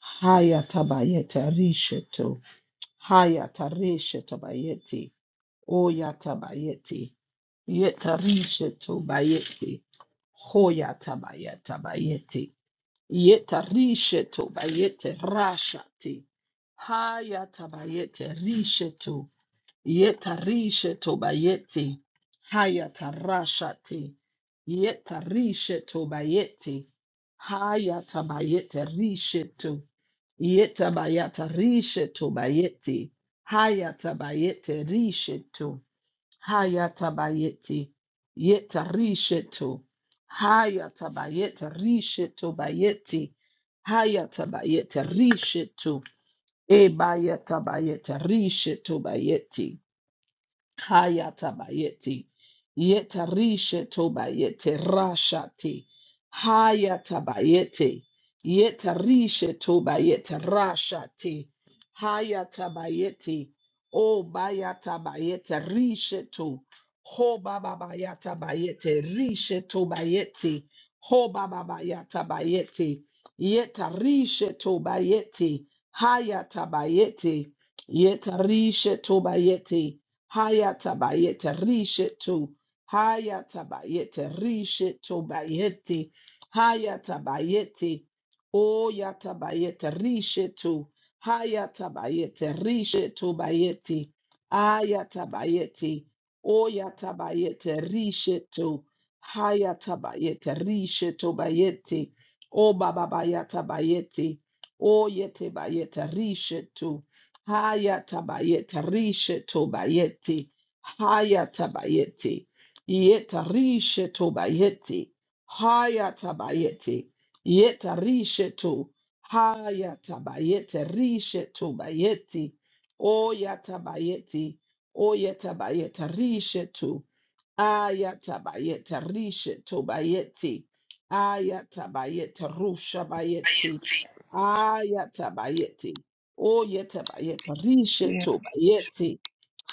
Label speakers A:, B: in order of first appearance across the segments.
A: Hayatabayeta risheto. Hayataresheto bayeti. Oyatabayeti. Yetarisheto bayeti. Hoyatabayeta bayeti. Yetarisheto bayete rashati. Hayatabayete risheto. Yetarisheto bayeti. Hayatarashati. Yetarisheto bayeti. Hayatabayete risheto. Yeta Yetabayata rishetu bayeti. Hayatabayete rishetu. Hayatabayeti. Yeta rishetu. Hayatabayete rishetu bayeti. Hayatabayete rishetu. Ebayatabayete rishetu bayeti. Hayatabayeti. Yetarisha tobayete rashati. Hayatabayete. Yetarisha tobayete rashati. Hayatabayeti. O bayatabayete risheto. Ho babayatabayete risheto bayeti. Ho babayatabayete. Yetarisha tobayeti. Hayatabayeti. Yetarisha tobayeti. Hayata bayete rishetu. Hayata bayete rishetu bayete. Hayata bayete. O yata bayete rishetu. Hayata bayete rishetu bayete. Ayata bayete. O yata bayete rishetu. Hayata bayete rishetu bayete. O baba bayata bayete. O yete bayete rishetu. Haya tabayeta rishe tobayeti. Haya tabayeti. Yeta rishe tobayeti. Haya tabayeti. Yeta rishe to. Haya tabayete rishe tobayeti. Oya tabayeti. Oya tabayeta rishe to. Aya tabayeta rishe tobayeti. Aya tabayeta rusha bayeti.
B: Iaro
A: Ayatabayeti. Oyetabayeta. Risheto bayeti.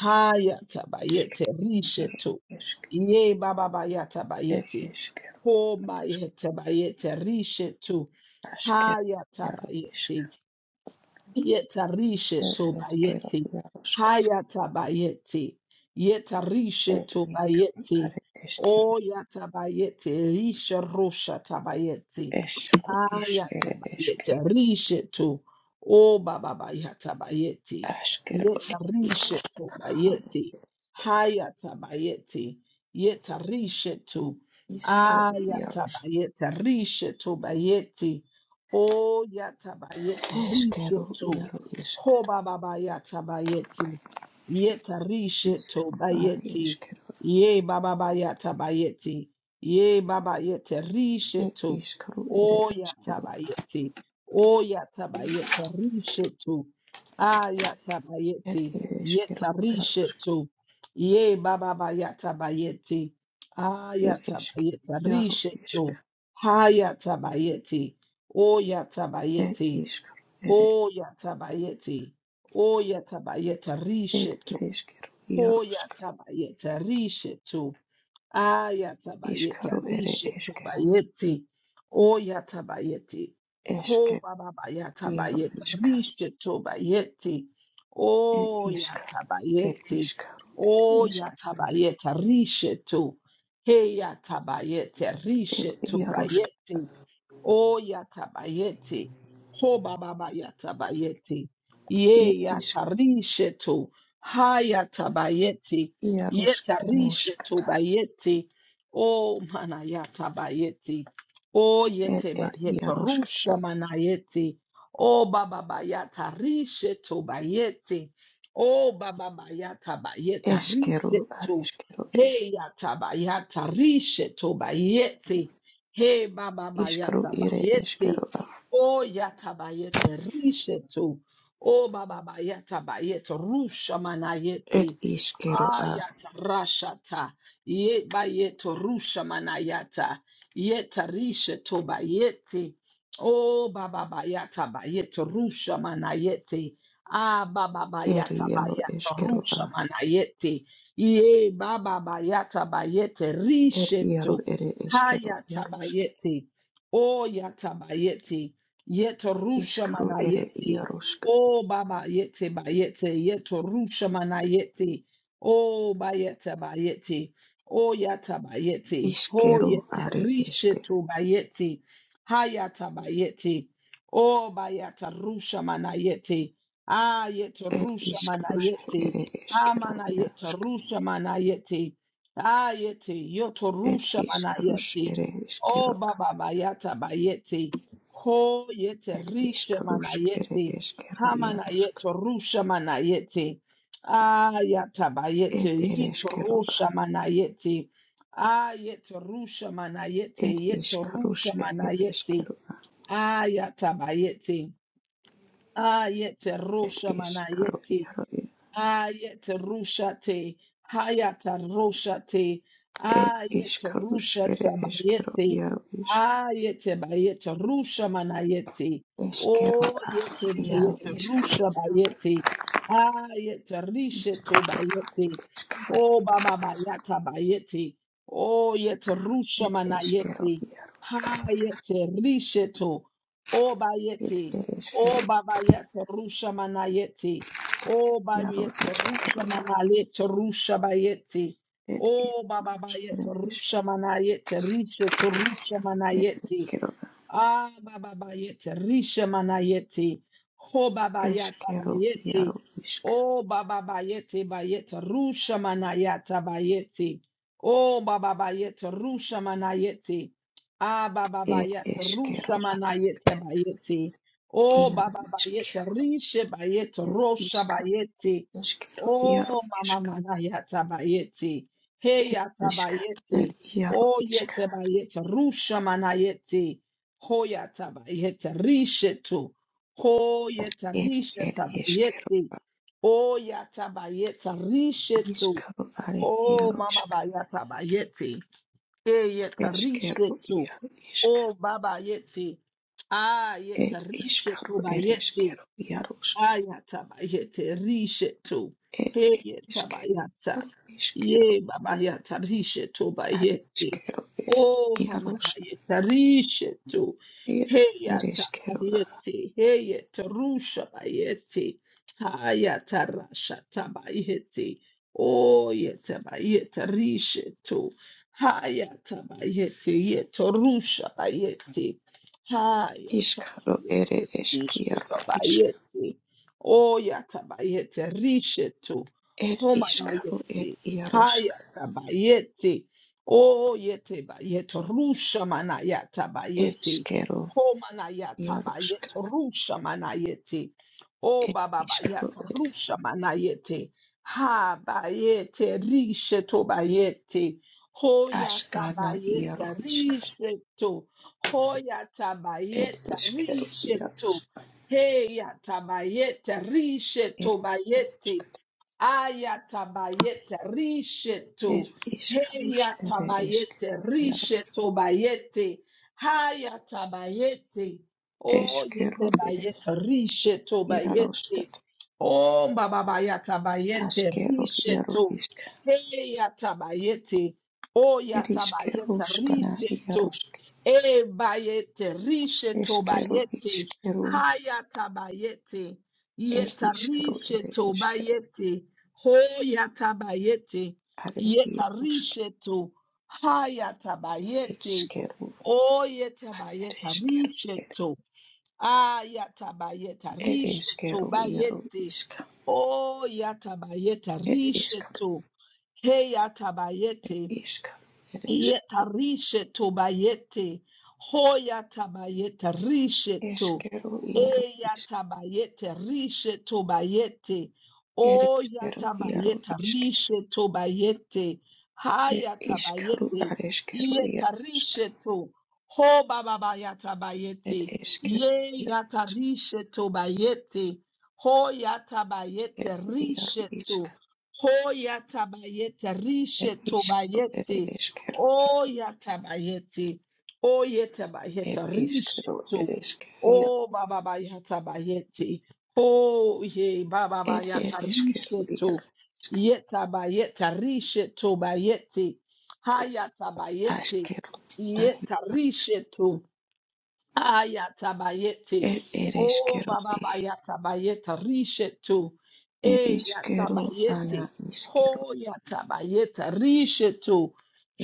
A: Hayatabayete. Risheto.
B: isk,
A: Ye baba bayata
B: ed
A: bayeti.
B: iskero,
A: Ho mayete bayete. Risheto.
B: askero, iaro isk,
A: Hayatabayeti. Yetarishe
B: ed eskero,
A: tobayeti.
B: iarosk,
A: Hayatabayeti. Yetarishe
B: ed iskero,
A: tobayeti.
B: are eskero,
A: O yatabayeti. Risha rosha tabayeti.
B: eskero, isk, ere
A: Ayatabayeti.
B: eskero,
A: Rishe to. O bababayatabayeti.
B: askero, ed isk,
A: Yetarishe
B: haro
A: tobayeti.
B: eskero,
A: Hayatabayeti. Yetarishe to.
B: iskero, iarosk,
A: Ayatabayeti. Rishe tobayeti. Oh yatabayeta
B: eskero,
A: risheto.
B: iaro
A: Ho
B: iskero,
A: baba bayata bayeti. Yeta
B: iskero,
A: risheto
B: are
A: bayeti.
B: eskero,
A: Ye baba bayata bayeti. Ye baba yete
B: ed
A: risheto.
B: iskero, ere
A: Oh
B: eskero,
A: yatabayeti. Oh yatabayeta risheto. Ah
B: ed
A: yatabayeti.
B: ere eskero,
A: Yeta
B: iarosk,
A: risheto. Ye baba bayata bayeti. Ah
B: ed eskero,
A: yatabayeta
B: iaro isk,
A: risheto. Ha yatabayeti. O
B: ed
A: yatabayeti,
B: iskero,
A: o yatabayeti, o yatabayeta
B: Ed
A: rishetu,
B: ereskero
A: o
B: iaroska,
A: yatabayeta rishetu, ayatabayeta
B: iskaro ere
A: rishetu
B: eskero,
A: bayeti, o yatabayeti, ho
B: esker
A: bababayata
B: iaro
A: bayeta
B: iska,
A: rishetu bayeti,
B: ed
A: o
B: iska, ed
A: yatabayeti,
B: iskaro ere
A: o
B: esker,
A: yatabayeta rishetu, he yatabayeta
B: ed
A: rishetu
B: iaroska,
A: bayeti. O yatabayete. Ho baba yatabayete.
B: ed
A: Ye
B: iska,
A: yatarisheto. Ha yatabayete.
B: iaroske
A: Yetarisheto
B: noskata,
A: bayete. O mana yatabayete. O
B: ed
A: yete
B: ed
A: bayete.
B: iaroskata,
A: Rusha manayete. O baba bayata risheto bayete. O baba bayata bayeta
B: eskero
A: riseto.
B: areskero e,
A: He yatabayata risheto bayete. Hey Baba
B: iskaro
A: Bayata
B: ere
A: Bayete.
B: eskero a,
A: Oh Yata Bayete Rishetu. Oh Baba Bayata Bayete Rusha Manayete.
B: ed iskero a,
A: Ayata rashata yeba yeto rusha manayata yeta rishe toba yete o baba bayata bayeto rusha manayete ah baba
B: ed
A: bayata
B: iaro
A: bayata
B: eskero a,
A: rusha manayete ye baba bayata bayete
B: ed
A: rishe
B: iaro
A: to
B: ere eskero
A: hayata
B: iaroska,
A: bayete o yata bayete yeto rusha
B: iskaro ere
A: manayete
B: iaroska,
A: o baba yete bayete yeto rusha manayete Oh, bayete, bayete. Oh, yata, bayete. Oh,
B: iskero
A: yete,
B: are eske.
A: rishetu, bayete. Hayata, bayete. Oh, bayata, rusha, manayete. Ah, yete,
B: Ed
A: rusha,
B: iscarus
A: manayete.
B: ere eskero
A: Hamana, yete,
B: iarusk.
A: rusha, manayete. Ah, yete, yoto,
B: Ed
A: rusha,
B: iscarus
A: manayete.
B: ere
A: Oh,
B: eskero.
A: baba, bayata, bayete. Ho, yete,
B: Ed
A: rishe,
B: iscarus ere
A: manayete.
B: eskero
A: Hamana,
B: iarusk.
A: yete, rusha, manayete. Ayata
B: Ed
A: bayete
B: ere eskero.
A: yitorusha manayete. Ayete rusha manayete
B: Ed
A: yeto
B: iscarus
A: rusha
B: ere
A: manayete.
B: eskero.
A: Ayata bayete. Ayete
B: Ed
A: rusha
B: iskaro
A: manayete.
B: iaro.
A: Ayet rushate, hayata rushate,
B: Ed
A: ayet
B: iscarus ere
A: rushate
B: eskero
A: mayete,
B: iaro isk.
A: ayete bayete rusha manayete,
B: Eskero
A: o
B: a
A: yete
B: iaro
A: bayete
B: isk.
A: rusha bayete, ayete risheto
B: Iskaro
A: bayete,
B: iskaro.
A: o baba bayata bayete, o yete rusha
B: Ed eskero
A: manayete,
B: iarusk.
A: hayete risheto, o
B: Ed
A: bayete,
B: ere eskero
A: o baba yete rusha manayete, Oh,
B: iaro
A: Babiet Rusha
B: iskero.
A: Manalet Rusha Bayeti.
B: Ed
A: Oh, Baba
B: iscarus
A: Bayet
B: ere eskero.
A: Rusha Manayet Risha Turusha
B: Ed
A: Manayeti.
B: eskero,
A: Ah, baba bayete, rishe manayete, ho baba yata
B: eskero
A: bayete,
B: iaro isk.
A: oh baba bayete bayete, rusha manayata bayete, oh baba bayete, rusha manayete, ah baba
B: Ed
A: bayete,
B: eskero
A: rusha manayete bayete, oh
B: iaro
A: baba
B: isk.
A: bayete, rishe bayete,
B: Ed
A: rosha
B: isk,
A: bayete,
B: eskero iaro
A: oh mama
B: isk.
A: manayata bayete, hey
B: Ed
A: yata
B: isk, ed
A: bayete,
B: iaro
A: oh
B: isk.
A: yete bayete, rusha manayete, Hoyatabayete rishetu.
B: Ed ed eskero
A: Hoyetarishetabayete. Oyatabayeta rishetu.
B: iskaro are
A: Oh,
B: iaro
A: mama
B: isk.
A: bayatabayete.
B: Eskero
A: Eyetarishetu.
B: iaro isk.
A: Oh, baba yeti. Ah, yeta
B: Ed iskaro
A: yetarishetu
B: ed
A: bayeti.
B: eskero iaro isk.
A: Ayatabayete rishetu.
B: Ed ed eskero
A: Heyetabayata.
B: iaro iskero
A: Ye babayata rishetu
B: are
A: bayete.
B: iskero ed
A: Oh
B: iaro isk.
A: hamayeta rishetu.
B: Ed ed eskero
A: Heyatabayete. Heyetarusha bayete. Hayatarasha tabayete. Oh yetabayeta rishetu. Hayatabayete. Yetarusha bayete.
B: Iskaro ere
A: Hayatabayete. Rishetu
B: eskiaro isk
A: bayete. O yatabayete rishetu.
B: ed iskaro ed
A: Homanayeti.
B: iarosk
A: Hayatabayeti. O yete bayeto rusha manayata bayeti.
B: etskero
A: Homanayata
B: iarosk
A: bayeto rusha manayeti. O
B: ed
A: baba
B: iskaro
A: bayata
B: ed
A: rusha manayeti. Ha bayete rishetu bayeti. Hoyata
B: askana iaro
A: bayete
B: isk
A: rishetu. Hoyata
B: ed
A: bayete
B: iskero
A: rishetu.
B: iarosk
A: Eyatabayete
B: ed
A: risheto bayete.
B: iarosk
A: Ayatabayete
B: ed
A: risheto.
B: iskarosk ere
A: Heyatabayete
B: eskero iaro
A: risheto bayete. Hayatabayete. Oh
B: eskero
A: yete
B: e
A: bayete risheto
B: iarosk
A: bayete. Oh bababayata bayete
B: askero iaro
A: risheto.
B: isk
A: Heyatabayete. Oh
B: ed
A: yatabayete
B: iskeroskana
A: risheto.
B: iarosk
A: E bayete risheto
B: eskero
A: bayete.
B: iskero
A: Hayatabayete.
B: ed iskaro
A: Yetarishe
B: ere eskero
A: tobayete. Hoyatabayete.
B: Are iarosk
A: Yetarishe to. Hayatabayete.
B: etskeru
A: Oyetabayeta
B: ereskeru
A: rishe
B: er
A: to. Ayatabayeta rishe
B: ereskeru iaro
A: tobayete.
B: iska
A: Oyatabayeta
B: er
A: rishe
B: iskaru
A: to.
B: er
A: Heyatabayete.
B: iskaru ereskeru
A: Yetarisheto bayete. Hoyata bayete risheto.
B: eskeru iaro isk
A: Eyata bayete risheto bayete.
B: ereskeru
A: Oyata
B: iaro
A: bayete
B: isk
A: risheto bayete.
B: er
A: Hayata
B: iskaru
A: bayete.
B: areskeru
A: Yeta
B: iarosk
A: risheto. Ho baba bayata
B: er
A: bayete.
B: eskeru
A: Ye
B: iaro
A: yata risheto bayete. Hoyata bayete
B: skeru iaro
A: risheto.
B: iska
A: Hoyata bayete
B: er
A: risheto
B: iskaru ere
A: bayete.
B: eskeru
A: O yatabayeti. O
B: er
A: yetabayeta
B: iskaru
A: rishetu.
B: ereskeru iaro
A: O baba bayatabayeti. O ye baba
B: er
A: bayata
B: ereskeru
A: rishetu.
B: iaro isk
A: Yetabayeta rishetu bayeti. Hayatabayeti. Yeta
B: askeru
A: rishetu. Ayatabayete.
B: Ed
A: Oh,
B: ereshkero
A: Baba
B: i.
A: Bayatabayeta Rishetu.
B: Ed
A: E
B: ishkero ana
A: Yatabayete.
B: ishkero.
A: Ho Yatabayeta Rishetu.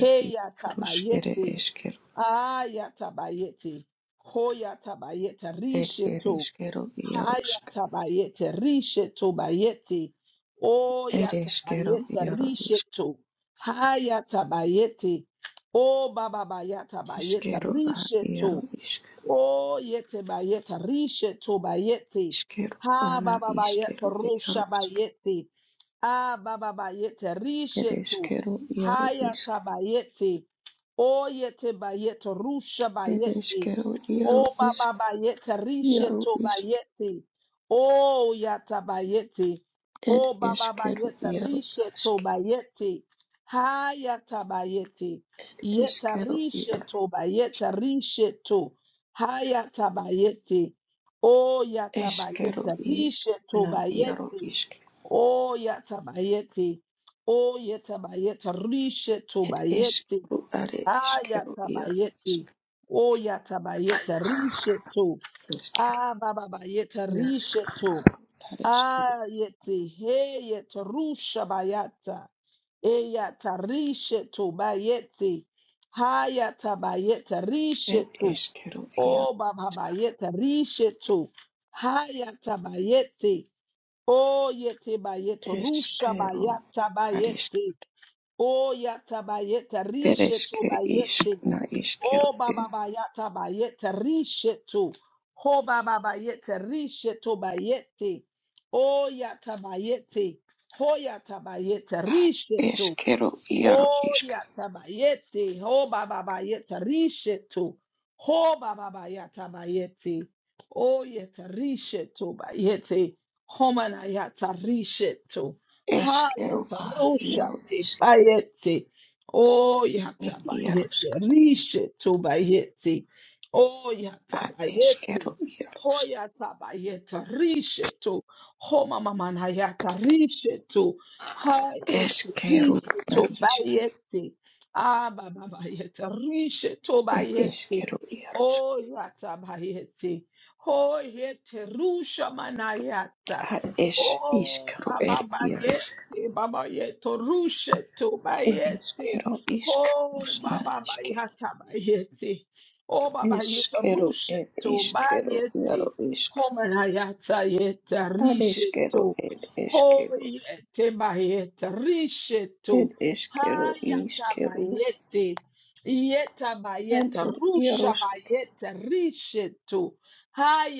B: Ed ishkarush ere
A: Yatabayete.
B: eshkero.
A: Ayatabayete. Ho Yatabayeta
B: Ed
A: Rishetu.
B: ereshkero iaroshk.
A: Hayatabayete Rishetu Bayete. Oh
B: Ereshkero
A: Yatabayeta
B: iaro ishk.
A: Rishetu. Hayatabayete. Oh Baba Bayatabayeta
B: Ishkero a
A: Rishetu.
B: iaro ishk.
A: Oh, yete bayete, rishe to bayete.
B: Ishkero
A: Ha
B: ana
A: baba bayete,
B: ishkero
A: rosha
B: iaroshk.
A: bayete. Ah baba bayete, rishe to.
B: Ereshkero iaro ishk.
A: Hayata bayete. Oh, yete bayete, rusha bayete.
B: Ereshkero iaro
A: Oh,
B: ishk.
A: baba bayete, rishe
B: Iaro
A: to
B: ishk.
A: bayete. Oh, yata bayete.
B: Ed
A: Oh, baba
B: eshkero
A: bayete,
B: iaro
A: rishe
B: ashk.
A: to bayete. Hayata bayete. Yeta
B: Eshkero
A: rishe
B: iaro.
A: to bayete, rishe to. Haya tabayeti. O ya
B: Eshkero
A: tabayeti.
B: ishk.
A: Rishe
B: Na iaro
A: tobayeti.
B: ishk.
A: O ya tabayeti. O ya tabayeti. Rishe
B: It
A: tobayeti.
B: ishkeru are is
A: Haya
B: ishkeru iaro is
A: O ya tabayeti. Rishe to.
B: Eskero,
A: Ah babayeti.
B: iaro,
A: Rishe to.
B: are is ishkeru
A: Ayeti. Heyet. Rusha bayata. Eya tarishe tobayeti. Haya tabayeti.
B: it
A: Rishe to.
B: ishkeru iaro
A: Oh, Baba Bayete, Rishetu, Hayata Bayete, Oh, Yete Bayeto, Rusha
B: ishkeru
A: Bayata
B: are ishkeru
A: Bayete, Oh, Yata Bayete, Rishetu
B: ishke ish
A: Bayete,
B: na ishkeru
A: Oh, Baba
B: e-
A: Bayata Bayete, Rishetu, Ho Baba Bayete, Rishetu Bayete, Oh, Yata Bayete, Ho Yata Bayete, Rishetu,
B: ishkeru iaro
A: Oh
B: is
A: yatabayeti. Oh bababayeta rishetu. Oh bababayata bayeti. Oh yeta rishetu bayeti. Homana yata rishetu. Ha
B: ishkeru
A: yata
B: a iaro
A: roshati
B: ishk
A: bayeti. Oh
B: it
A: yata
B: iaro
A: bayeti.
B: ishkat
A: Rishetu bayeti. Oh yata
B: a is
A: bayeti.
B: ishkeru iaro
A: Ho
B: ishk
A: yata bayeta rishetu. Ho mama mana yata rishetu, Hayete,
B: ishkeru
A: Risi
B: na ishk
A: Tobayete. Ah, Baba Bayete, Rishe
B: it
A: Tobayete.
B: ishkeru iaro ishk
A: Oh, Yata Bayete. Oh, Yete, Rusha Manayata.
B: a is
A: Oh,
B: ishkeru er
A: Baba
B: iaro ishk
A: Bayete, Baba Yeto, Rushe
B: It is
A: Tobayete.
B: kettle ishk
A: Oh,
B: rusna
A: Baba
B: ishk.
A: Bayata Bayete. Oh, Baba
B: Is
A: Yeto,
B: kettle
A: Rushe
B: it is kettle
A: Tobayete.
B: yellow ishk.
A: Homanayata Yeta,
B: That is
A: Rishe
B: kettle it is kettle.
A: Hoyete bayete
B: It
A: rishetu.
B: is kettle is
A: Hayata
B: kettle.
A: bayete. Yeta
B: And
A: bayete.
B: it
A: Rusha
B: yarosk
A: bayete rishetu.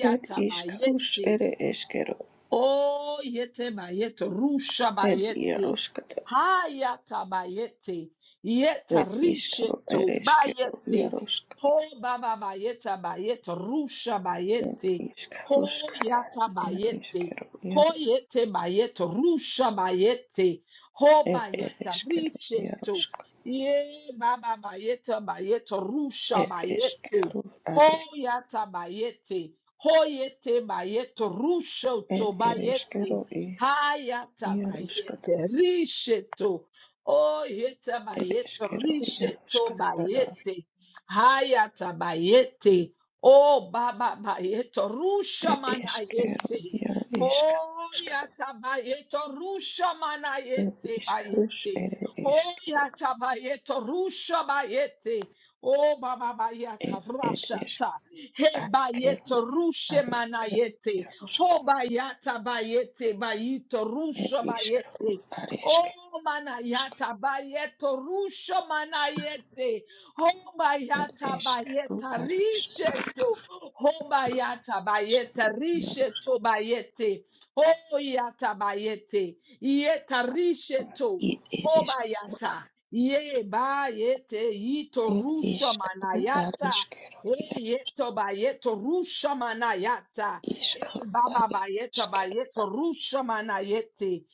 B: it is krus
A: bayete.
B: it is kettle.
A: Oh, yete bayete, rusha
B: It
A: bayete,
B: yaroskata.
A: hayata bayete, yeta
B: It is kettle it
A: risheto
B: is kettle
A: bayete,
B: yarosk.
A: ho baba bayeta bayete, rusha
B: Ed
A: bayete, ho
B: kruskata.
A: yata
B: It is
A: bayete,
B: kettle
A: ho
B: yellow.
A: yete bayete, rusha bayete, ho
B: It it
A: bayeta
B: is kettle
A: risheto,
B: yarosk.
A: ye baba bayeta bayete, rusha
B: It is
A: bayete,
B: kettle it
A: ho
B: is.
A: yata bayete, Hoyete bayete rusho
B: It
A: to
B: it is
A: bayete.
B: kettle.
A: Hayata
B: Iaruskat,
A: bayete risheto. Oyete bayete
B: ereshkero,
A: risheto
B: iaruskat, ara,
A: bayete. Hayata bayete. Oh baba bayete rusha
B: ereshkero,
A: manayete.
B: iaro, ishkaruskat,
A: Hoyata bayete rusha
B: er,
A: manayete
B: ishkarus,
A: bayete.
B: ere, eshkero,
A: Hoyata bayete rusha bayete. Oh baba
B: er,
A: bayata
B: er,
A: rasha
B: esh,
A: he bayete
B: ashkero,
A: rushe
B: areshkero,
A: manayete.
B: iaruskat,
A: Ho bayata bayete bayito
B: er,
A: rushe
B: ishkaru,
A: bayete. Oh
B: areshkero,
A: manayata bayeto rushe manayete. Ho
B: er,
A: bayata
B: eshkaru,
A: bayeta
B: areshkero,
A: risheto. Ho bayata bayeta
B: ishkaru, iaruskat,
A: risheto bayete. Oh yata bayete. Yeta risheto.
B: ir,
A: Ho
B: eresh,
A: bayata. Ye bayete yito
B: er,
A: rushe
B: ishkaru,
A: manayata.
B: areshkero, iar,
A: Eyeto bayeto rusha manayata. E
B: ishkaru,
A: baba bayeta
B: areshkero,
A: bayeto rusha manayete.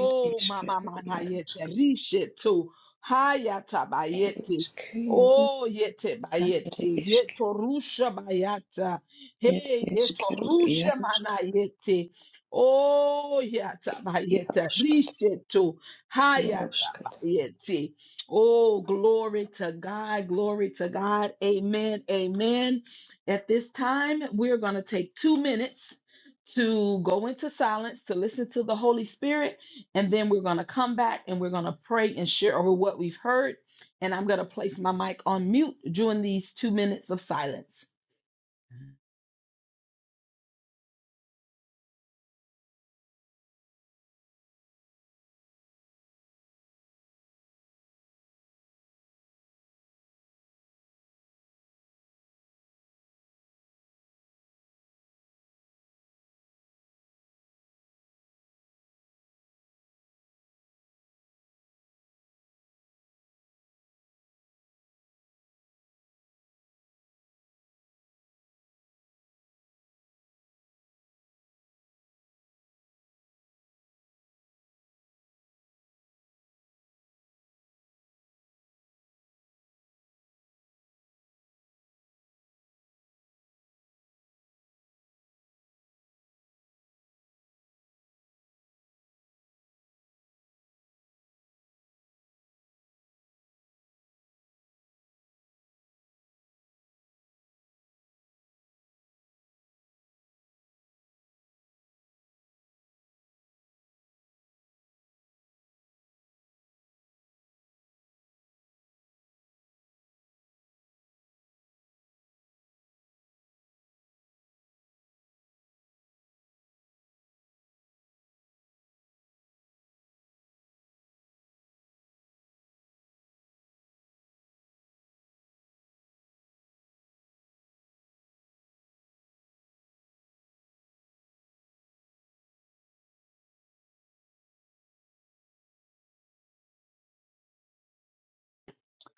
B: er,
A: mama
B: ishkero,
A: manayete
B: iaruskat,
A: rishe to hayata bayete.
B: ereshkero,
A: Oh yete
B: Ere
A: bayete
B: isk,
A: yeto rusha bayata.
B: ed
A: Hey yeto
B: iskero,
A: rusha
B: iarusk,
A: manayete. Oh yata bayete
B: iaruskata,
A: rishe to hayata
B: iaruskata.
A: bayete. Oh, glory to God. Glory to God. Amen. Amen. At this time, we're going to take two minutes to go into silence, to listen to the Holy Spirit, and then we're going to come back and we're going to pray and share over what we've heard. And I'm going to place my mic on mute during these two minutes of silence. Hmm.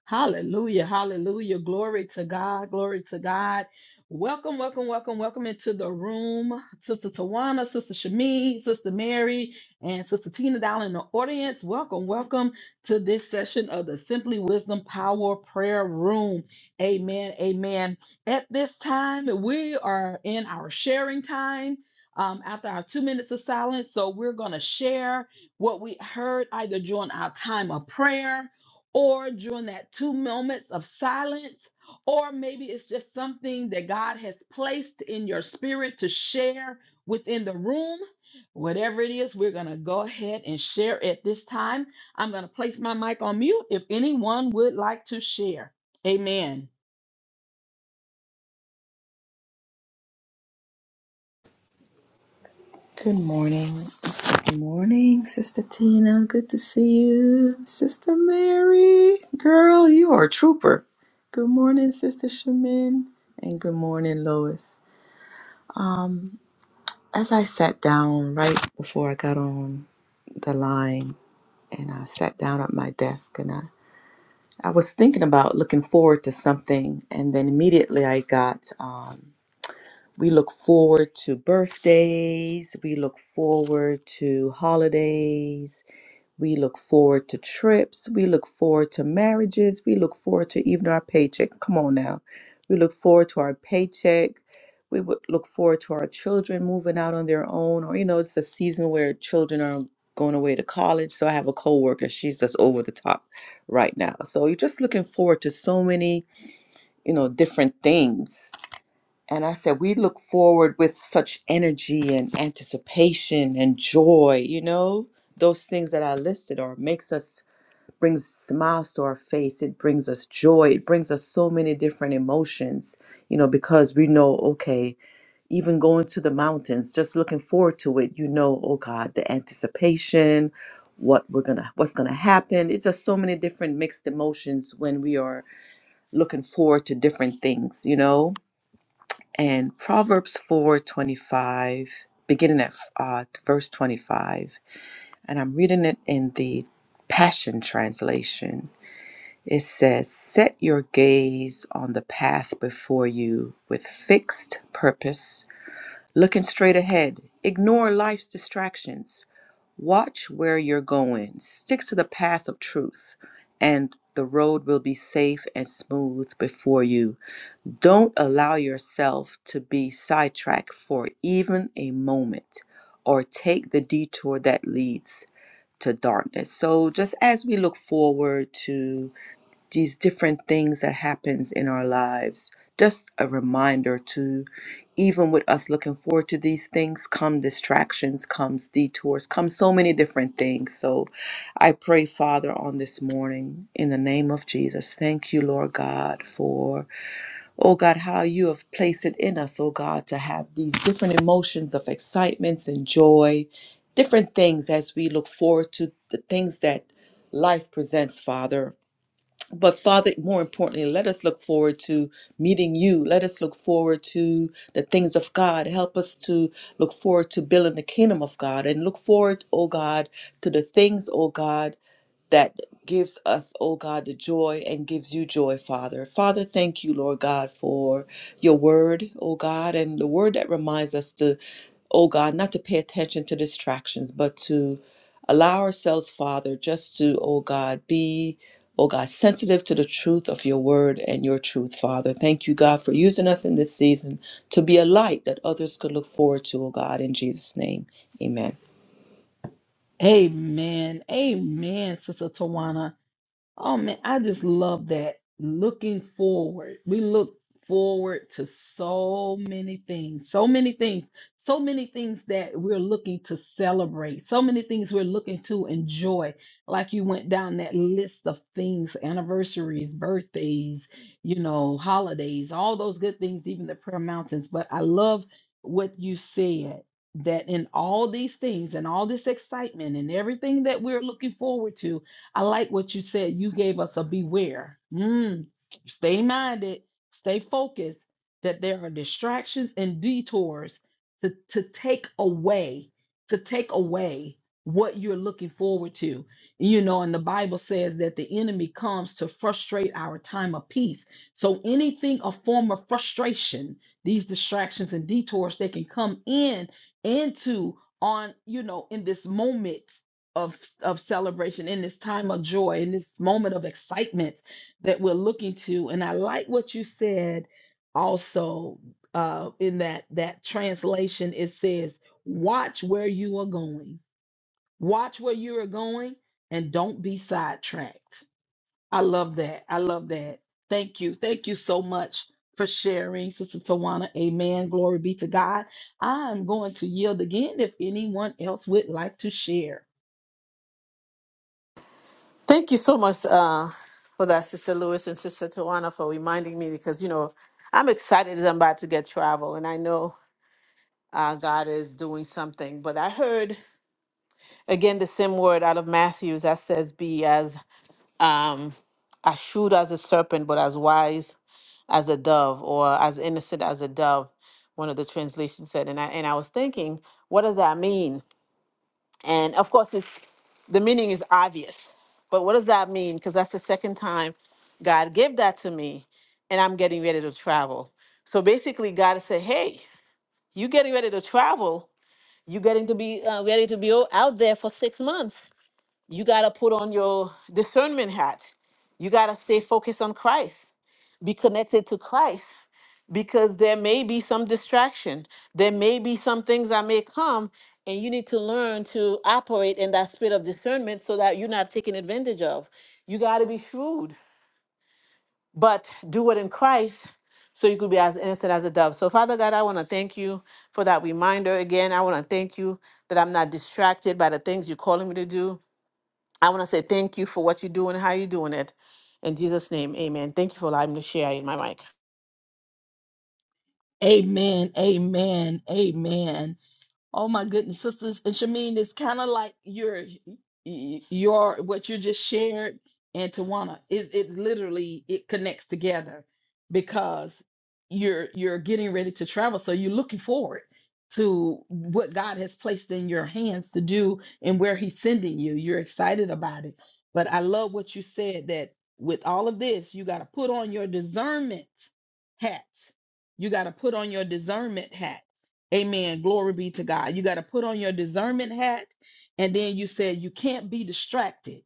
A: Hallelujah. Hallelujah. Glory to God. Glory to God. Welcome, welcome, welcome, welcome into the room. Sister Tawana, Sister Shami, Sister Mary, and Sister Tina down in the audience. Welcome, welcome to this session of the Simply Wisdom Power Prayer Room. Amen. Amen. At this time, we are in our sharing time. um, after our two minutes of silence, so we're going to share what we heard either during our time of prayer or during that two moments of silence, or maybe it's just something that God has placed in your spirit to share within the room. Whatever it is, we're going to go ahead and share at this time. I'm going to place my mic on mute if anyone would like to share. Amen.
B: Good morning. Good morning, Sister Tina. Good to see you. Sister Mary. Girl, you are a trooper. Good morning, Sister Shamin. And good morning, Lois. Um, as I sat down right before I got on the line and I sat down at my desk and I, I was thinking about looking forward to something and then immediately I got um We look forward to birthdays. We look forward to holidays. We look forward to trips. We look forward to marriages. We look forward to even our paycheck. Come on now. We look forward to our paycheck. We would look forward to our children moving out on their own. Or, you know, it's a season where children are going away to college. So I have a coworker. She's just over the top right now. So you're just looking forward to so many, you know, different things and I said, we look forward with such energy and anticipation and joy, you know? Those things that I listed are makes us brings smiles to our face. It brings us joy. It brings us so many different emotions, you know, because we know, okay, even going to the mountains, just looking forward to it, you know, oh God, the anticipation, what we're gonna what's gonna happen. It's just so many different mixed emotions when we are looking forward to different things, you know? and Proverbs 4:25 beginning at uh, verse 25 and I'm reading it in the Passion translation. It says, "Set your gaze on the path before you with fixed purpose, looking straight ahead. Ignore life's distractions. Watch where you're going. Stick to the path of truth, and the road will be safe and smooth before you." Don't allow yourself to be sidetracked for even a moment or take the detour that leads to darkness. So just as we look forward to these different things that happens in our lives, just a reminder to even with us looking forward to these things come distractions, comes detours, come so many different things. So I pray, Father, on this morning in the name of Jesus. Thank you, Lord God, for oh God, how you have placed it in us, oh God, to have these different emotions of excitements and joy, different things as we look forward to the things that life presents, Father. But Father, more importantly, let us look forward to meeting you. Let us look forward to the things of God. Help us to look forward to building the kingdom of God and look forward, oh God, to the things, oh God that gives us, oh God, the joy and gives you joy, Father. Father, thank you, Lord God, for your word, oh God, and the word that reminds us to, oh God, not to pay attention to distractions, but to allow ourselves, Father, just to, oh God, be. Oh God, sensitive to the truth of your word and your truth, Father. Thank you, God, for using us in this season to be a light that others could look forward to, oh God, in Jesus' name. Amen.
A: Amen. Amen, Sister Tawana. Oh man, I just love that. Looking forward. We look forward to so many things, so many things, so many things that we're looking to celebrate, so many things we're looking to enjoy. Like you went down that list of things, anniversaries, birthdays, you know, holidays, all those good things, even the prayer mountains. But I love what you said that in all these things and all this excitement and everything that we're looking forward to, I like what you said. You gave us a beware. Mm. Stay minded, stay focused that there are distractions and detours to, to take away, to take away what you're looking forward to. You know, and the Bible says that the enemy comes to frustrate our time of peace. So anything a form of frustration, these distractions and detours they can come in into on, you know, in this moment of of celebration in this time of joy in this moment of excitement that we're looking to and i like what you said also uh in that that translation it says watch where you are going watch where you are going and don't be sidetracked i love that i love that thank you thank you so much for sharing sister tawana amen glory be to god i'm going to yield again if anyone else would like to share
C: Thank you so much uh, for that, Sister Lewis and Sister Tawana, for reminding me because, you know, I'm excited as I'm about to get travel and I know uh, God is doing something. But I heard, again, the same word out of Matthew that says, be as, um, as shrewd as a serpent, but as wise as a dove or as innocent as a dove, one of the translations said. And I, and I was thinking, what does that mean? And of course, it's, the meaning is obvious. But what does that mean? Because that's the second time God gave that to me, and I'm getting ready to travel. So basically, God said, "Hey, you getting ready to travel? You getting to be uh, ready to be o- out there for six months? You gotta put on your discernment hat. You gotta stay focused on Christ. Be connected to Christ because there may be some distraction. There may be some things that may come, and you need to learn to operate in that spirit of discernment so that you're not taken advantage of. You got to be shrewd, but do it in Christ so you could be as innocent as a dove. So, Father God, I want to thank you for that reminder again. I want to thank you that I'm not distracted by the things you're calling me to do. I want to say thank you for what you're doing, how you're doing it. In Jesus' name, amen. Thank you for allowing me to share in my mic.
A: Amen. Amen. Amen. Oh my goodness, sisters and Shamin, it's kind of like your your what you just shared and Tawana is it it's literally it connects together because you're you're getting ready to travel, so you're looking forward to what God has placed in your hands to do and where He's sending you. You're excited about it, but I love what you said that with all of this, you got to put on your discernment hat. You got to put on your discernment hat Amen. Glory be to God. You got to put on your discernment hat. And then you said you can't be distracted.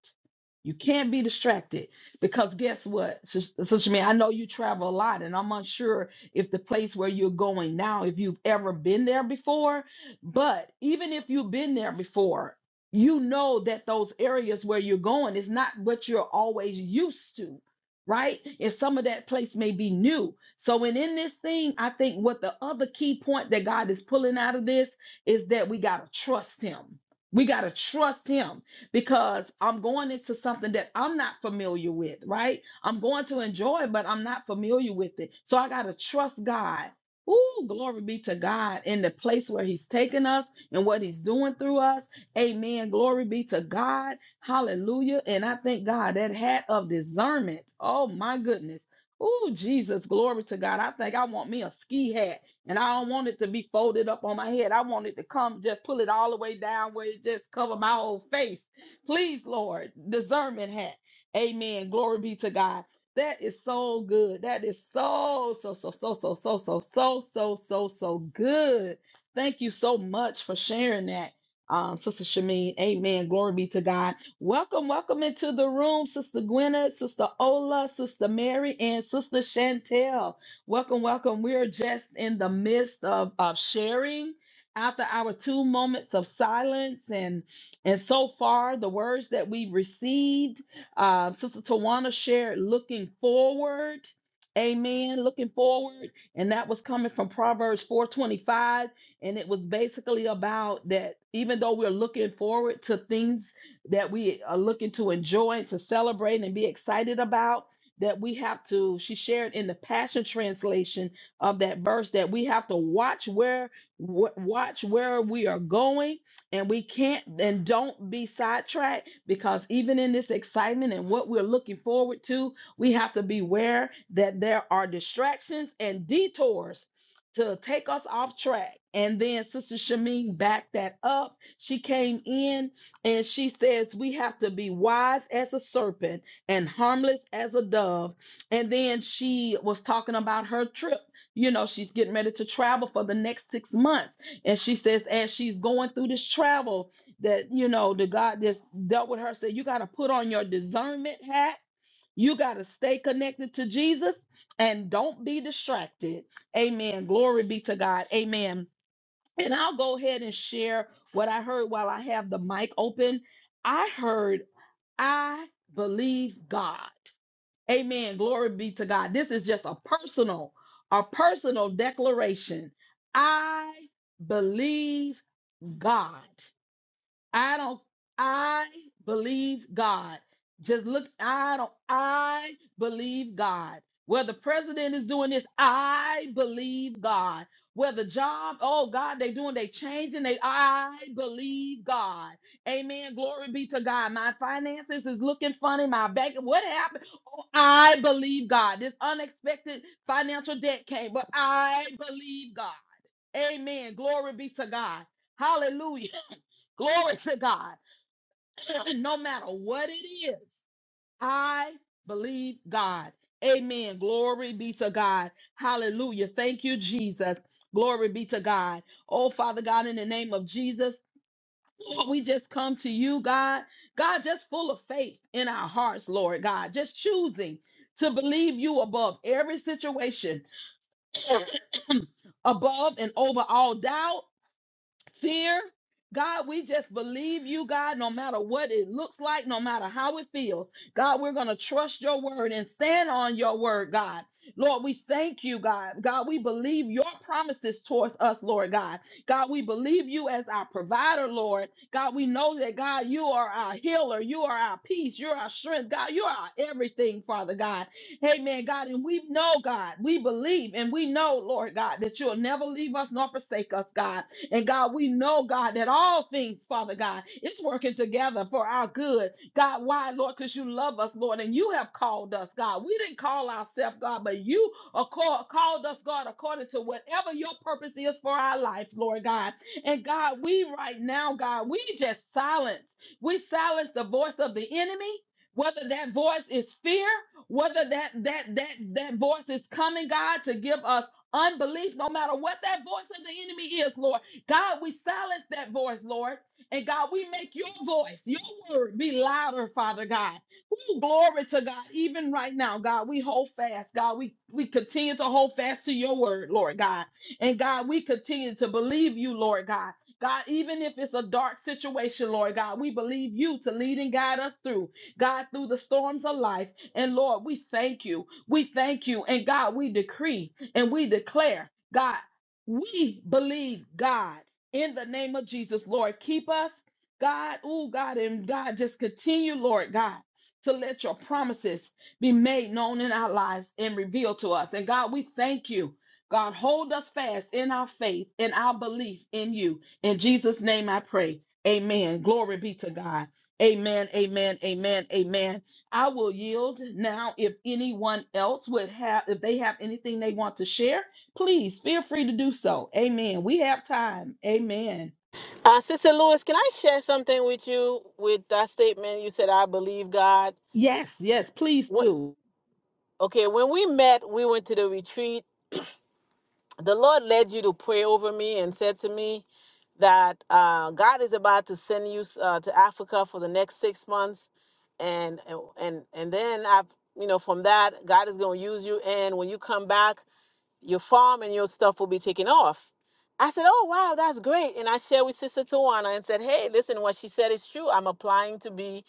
A: You can't be distracted because guess what? Sister me, I know you travel a lot, and I'm unsure if the place where you're going now, if you've ever been there before. But even if you've been there before, you know that those areas where you're going is not what you're always used to right? And some of that place may be new. So, when in this thing, I think what the other key point that God is pulling out of this is that we got to trust Him. We got to trust Him because I'm going into something that I'm not familiar with, right? I'm going to enjoy it, but I'm not familiar with it. So, I got to trust God. Ooh, glory be to God in the place where He's taking us and what He's doing through us. Amen. Glory be to God. Hallelujah. And I thank God that hat of discernment. Oh my goodness. Oh, Jesus, glory to God. I think I want me a ski hat and I don't want it to be folded up on my head. I want it to come, just pull it all the way down where it just cover my whole face. Please, Lord, discernment hat. Amen. Glory be to God. That is so good. That is so, so, so, so, so, so, so, so, so, so, so good. Thank you so much for sharing that um, Sister Shameen. Amen. Glory be to God. Welcome, welcome into the room, Sister Gwyneth, Sister Ola, Sister Mary, and Sister Chantel. Welcome, welcome. We are just in the midst of, of sharing after our two moments of silence and and so far the words that we received uh, sister tawana shared looking forward amen looking forward and that was coming from proverbs 425 and it was basically about that even though we're looking forward to things that we are looking to enjoy, to celebrate, and be excited about, that we have to, she shared in the Passion Translation of that verse, that we have to watch where w- watch where we are going and we can't and don't be sidetracked because even in this excitement and what we're looking forward to we have to beware that there are distractions and detours to take us off track. And then Sister Shamin backed that up. She came in and she says, We have to be wise as a serpent and harmless as a dove. And then she was talking about her trip. You know, she's getting ready to travel for the next six months. And she says, as she's going through this travel, that, you know, the God just dealt with her, said, You got to put on your discernment hat you got to stay connected to Jesus and don't be distracted. Amen. Glory be to God. Amen. And I'll go ahead and share what I heard while I have the mic open. I heard, I believe God. Amen. Glory be to God. This is just a personal, a personal declaration. I believe God. I don't, I believe God. Just look, I don't, I believe God. Whether president is doing this, I believe God. Whether job, oh God, they doing, they changing, they, I believe God. Amen. Glory be to God. My finances is looking funny. My bank, what happened? I believe God. This unexpected financial debt came, but I believe God. Amen. Glory be to God. Hallelujah. Glory to God. no matter what it is, I believe God. Amen. Glory be to God. Hallelujah. Thank you, Jesus. Glory be to God. Oh, Father God, in the name of Jesus, we just come to you, God. God, just full of faith in our hearts, Lord God, just choosing to believe you above every situation, above and over all doubt fear. God, we just believe you, God, no matter what it looks like, no matter how it feels. God, we're going to trust your word and stand on your word, God. Lord, we thank you, God. God, we believe your promises towards us, Lord God. God, we believe you as our provider, Lord. God, we know that, God, you are our healer. You are our peace. You're our strength. God, you are our everything, Father God. Amen, God. And we know, God, we believe and we know, Lord God, that you'll never leave us nor forsake us, God. And God, we know, God, that all things, Father God, it's working together for our good. God, why, Lord? Because you love us, Lord, and you have called us, God. We didn't call ourselves, God, but you are call- called us, God, according to whatever your purpose is for our life, Lord God. And God, we right now, God, we just silence. We silence the voice of the enemy. Whether that voice is fear, whether that that that that voice is coming, God, to give us unbelief, no matter what that voice of the enemy is, Lord. God, we silence that voice, Lord. And God, we make your voice, your word be louder, Father God. Ooh, glory to God. Even right now, God, we hold fast. God, we, we continue to hold fast to your word, Lord God. And God, we continue to believe you, Lord God. God, even if it's a dark situation, Lord God, we believe you to lead and guide us through, God, through the storms of life. And Lord, we thank you. We thank you. And God, we decree and we declare. God, we believe God in the name of Jesus, Lord. Keep us, God. Oh, God. And God, just continue, Lord God, to let your promises be made known in our lives and revealed to us. And God, we thank you. God, hold us fast in our faith and our belief in you. In Jesus' name I pray. Amen. Glory be to God. Amen. Amen. Amen. Amen. I will yield now if anyone else would have, if they have anything they want to share please feel free to do so. Amen. We have time. Amen.
C: Uh, Sister Lewis, can I share something with you with that statement? You said, I believe God.
A: Yes, yes, please
C: What,
A: do.
C: okay, when we met, we went to the retreat. The Lord led you to pray over me and said to me that uh, God is about to send you uh, to Africa for the next six months. And, and, and and then I've, you know, from that, God is going to use you. And when you come back, your farm and your stuff will be taken off. I said, Oh, wow, that's great. And I shared with Sister Tawana and said, Hey, listen, what she said is true. I'm applying to be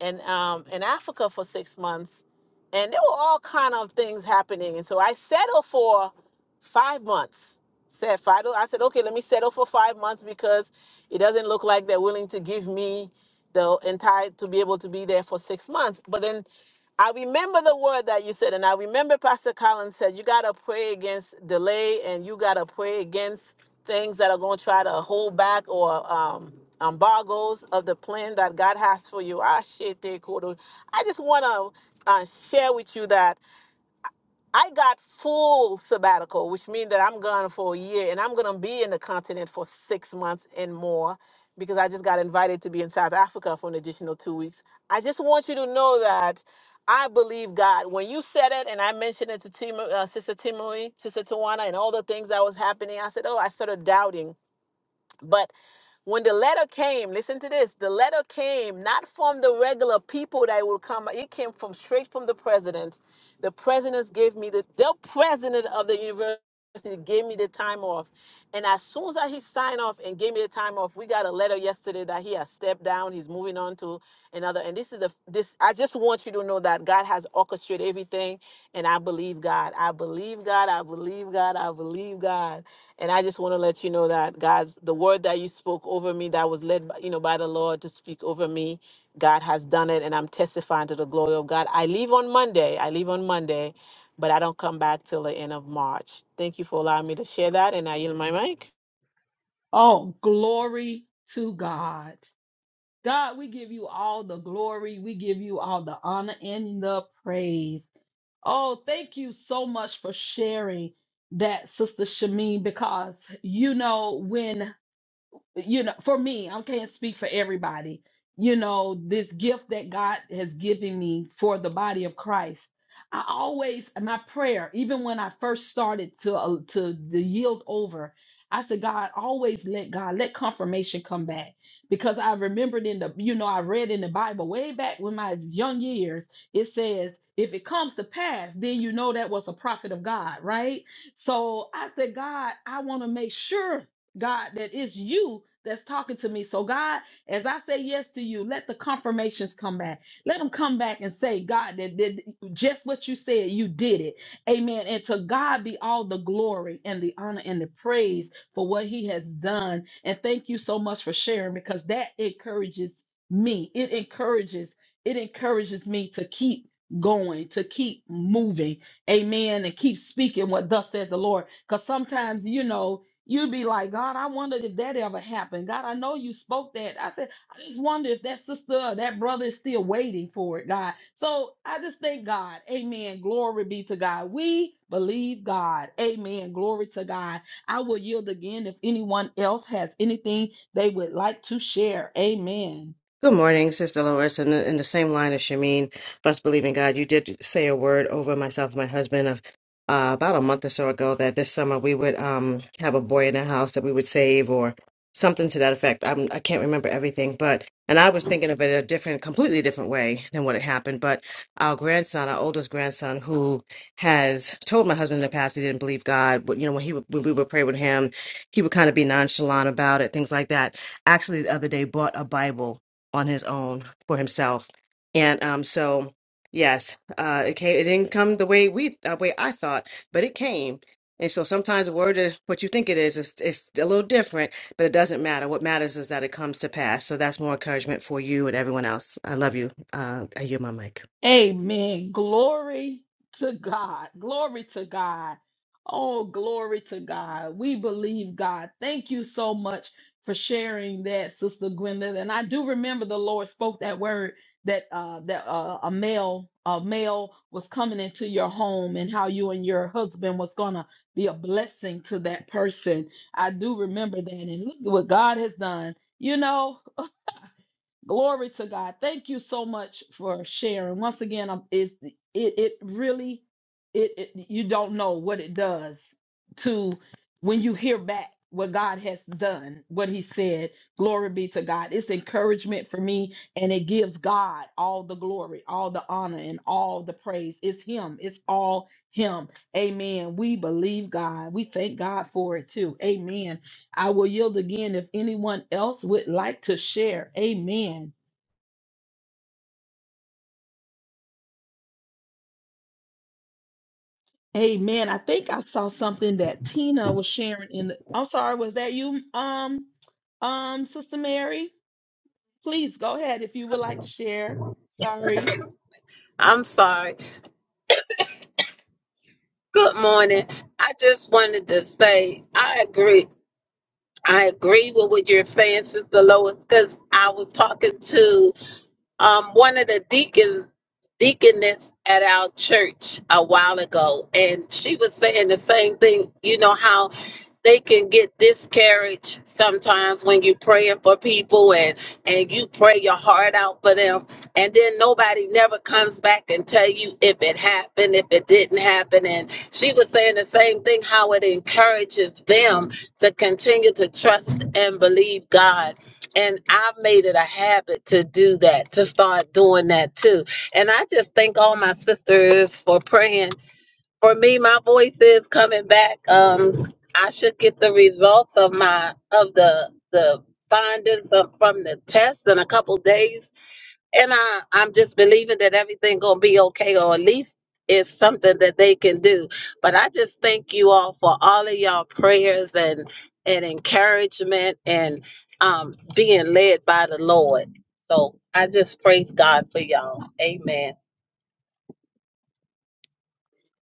C: in, um, in Africa for six months. And there were all kind of things happening. And so I settled for five months. Said Fido, I said, okay, let me settle for five months because it doesn't look like they're willing to give me the entire to be able to be there for six months. But then I remember the word that you said, and I remember Pastor Collins said, You got to pray against delay and you got to pray against things that are going to try to hold back or um, embargoes of the plan that God has for you. I shit, they could- I just want to uh, share with you that. I got full sabbatical, which means that I'm gone for a year and I'm going to be in the continent for six months and more because I just got invited to be in South Africa for an additional two weeks. I just want you to know that I believe God. When you said it and I mentioned it to Tim, uh, Sister Timory, Sister Tawana, and all the things that was happening, I said, oh, I started doubting. But when the letter came, listen to this the letter came not from the regular people that would come, it came from straight from the president. The president gave me the, the president of the university. He gave me the time off. And as soon as he signed off and gave me the time off, we got a letter yesterday that he has stepped down. He's moving on to another. And this is the this I just want you to know that God has orchestrated everything. And I believe God. I believe God. I believe God. I believe God. And I just want to let you know that God's the word that you spoke over me that was led by, you know by the Lord to speak over me. God has done it, and I'm testifying to the glory of God. I leave on Monday. I leave on Monday, but I don't come back till the end of March. Thank you for allowing me to share that, and I yield my mic.
A: Oh, glory to God. God, we give you all the glory. We give you all the honor and the praise. Oh, thank you so much for sharing that, Sister Shameen, because you know when you know, for me, I can't speak for everybody. You know, this gift that God has given me for the body of Christ. I always my prayer, even when I first started to uh, to the yield over, I said, God, always let God let confirmation come back because I remembered in the you know I read in the Bible way back when my young years it says if it comes to pass, then you know that was a prophet of God, right? So I said, God, I want to make sure God, that it's you that's talking to me. So, God, as I say yes to you, let the confirmations come back. Let them come back and say, God, that did just what you said, you did it. Amen. And to God be all the glory and the honor and the praise for what he has done. And thank you so much for sharing because that encourages me. It encourages, it encourages me to keep going, to keep moving. Amen. And keep speaking what thus said the Lord. Because sometimes, you know, You'd be like, God, I wondered if that ever happened. God, I know you spoke that. I said, I just wonder if that sister or that brother is still waiting for it, God. So I just thank God. Amen. Glory be to God. We believe God. Amen. Glory to God. I will yield again if anyone else has anything they would like to share. Amen.
D: Good morning, Sister Lois. And in the same line as Shamin, Best Believe in God, you did say a word over myself and my husband of uh, about a month or so ago that this summer we would um, have a boy in the house that we would save or something to that effect. I'm, I can't remember everything, but, and I was thinking of it a different, completely different way than what had happened. But our grandson, our oldest grandson, who has told my husband in the past he didn't believe God, but, you know, when, he, would- when we would pray with him, he would kind of be nonchalant about it, things like that actually the other day bought a Bible on his own for himself. And um, so yes, uh, it came. It didn't come the way we the way I thought, but it came. And so sometimes the word is what you think it is. It's, it's a little different, but it doesn't matter. What matters is that it comes to pass. So that's more encouragement for you and everyone else. I love you. Uh, I yield my mic.
A: Amen. Glory to God. Glory to God. Oh, glory to God. We believe God. Thank you so much for sharing that, Sister Gwendolyn. And I do remember the Lord spoke that word that uh that uh, a male a male was coming into your home and how you and your husband was gonna be a blessing to that person. I do remember that and look at what God has done. You know, Glory to God. Thank you so much for sharing. Once again, um, it's, it it really it, it you don't know what it does to when you hear back what God has done, what He said. Glory be to God. It's encouragement for me, and it gives God all the glory, all the honor, and all the praise. It's Him. It's all Him. Amen. We believe God. We thank God for it too. Amen. I will yield again if anyone else would like to share. Amen. Amen. I think I saw something that Tina was sharing in the I'm sorry, was that you um um Sister Mary? Please go ahead if you would like to share. Sorry.
E: I'm sorry. Good morning. I just wanted to say I agree. I agree with what you're saying, Sister Lois, because I was talking to um, one of the deacons deaconess at our church a while ago and she was saying the same thing you know how they can get discouraged sometimes when you praying for people and and you pray your heart out for them and then nobody never comes back and tell you if it happened if it didn't happen and she was saying the same thing how it encourages them to continue to trust and believe god and I've made it a habit to do that, to start doing that too. And I just thank all my sisters for praying for me, my voice is coming back. Um, I should get the results of my of the the findings from, from the test in a couple days, and I I'm just believing that everything gonna be okay, or at least it's something that they can do. But I just thank you all for all of y'all prayers and and encouragement and um being led by the Lord. So I just praise God for y'all. Amen.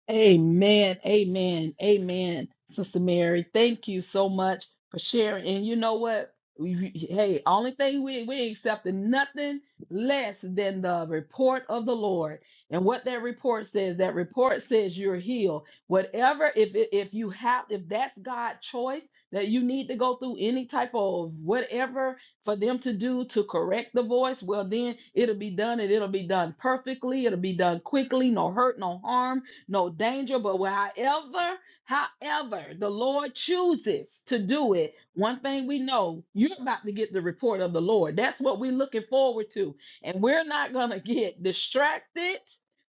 A: Amen. Amen. Amen. Sister Mary, thank you so much for sharing. And you know what? We- Hey, only thing we we ain't accepting nothing less than the report of the Lord. And what that report says, that report says you're healed. Whatever, if it- if you have, if that's God's choice that you need to go through any type of whatever for them to do to correct the voice, well then it'll be done and it'll be done perfectly. It'll be done quickly, no hurt, no harm no danger. But where- however, however, the Lord chooses to do it, one thing we know, you're about to get the report of the Lord. That's what we're looking forward to. And we're not going to get distracted.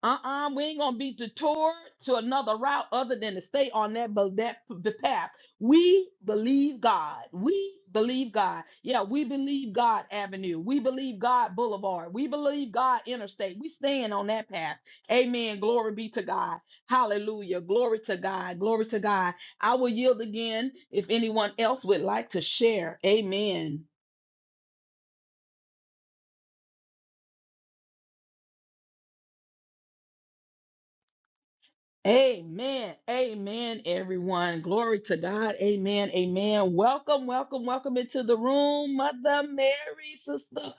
A: Uh-uh, we ain't gonna be detoured to another route other than to stay on that, but that the path. We believe God. We believe God. Yeah, we believe God Avenue. We believe God Boulevard. We believe God Interstate. We staying on that path. Amen. Glory be to God. Hallelujah. Glory to God. Glory to God. I will yield again if anyone else would like to share. Amen. Amen. Amen, everyone. Glory to God. Amen. Amen. Welcome, welcome, welcome into the room, Mother Mary, Sister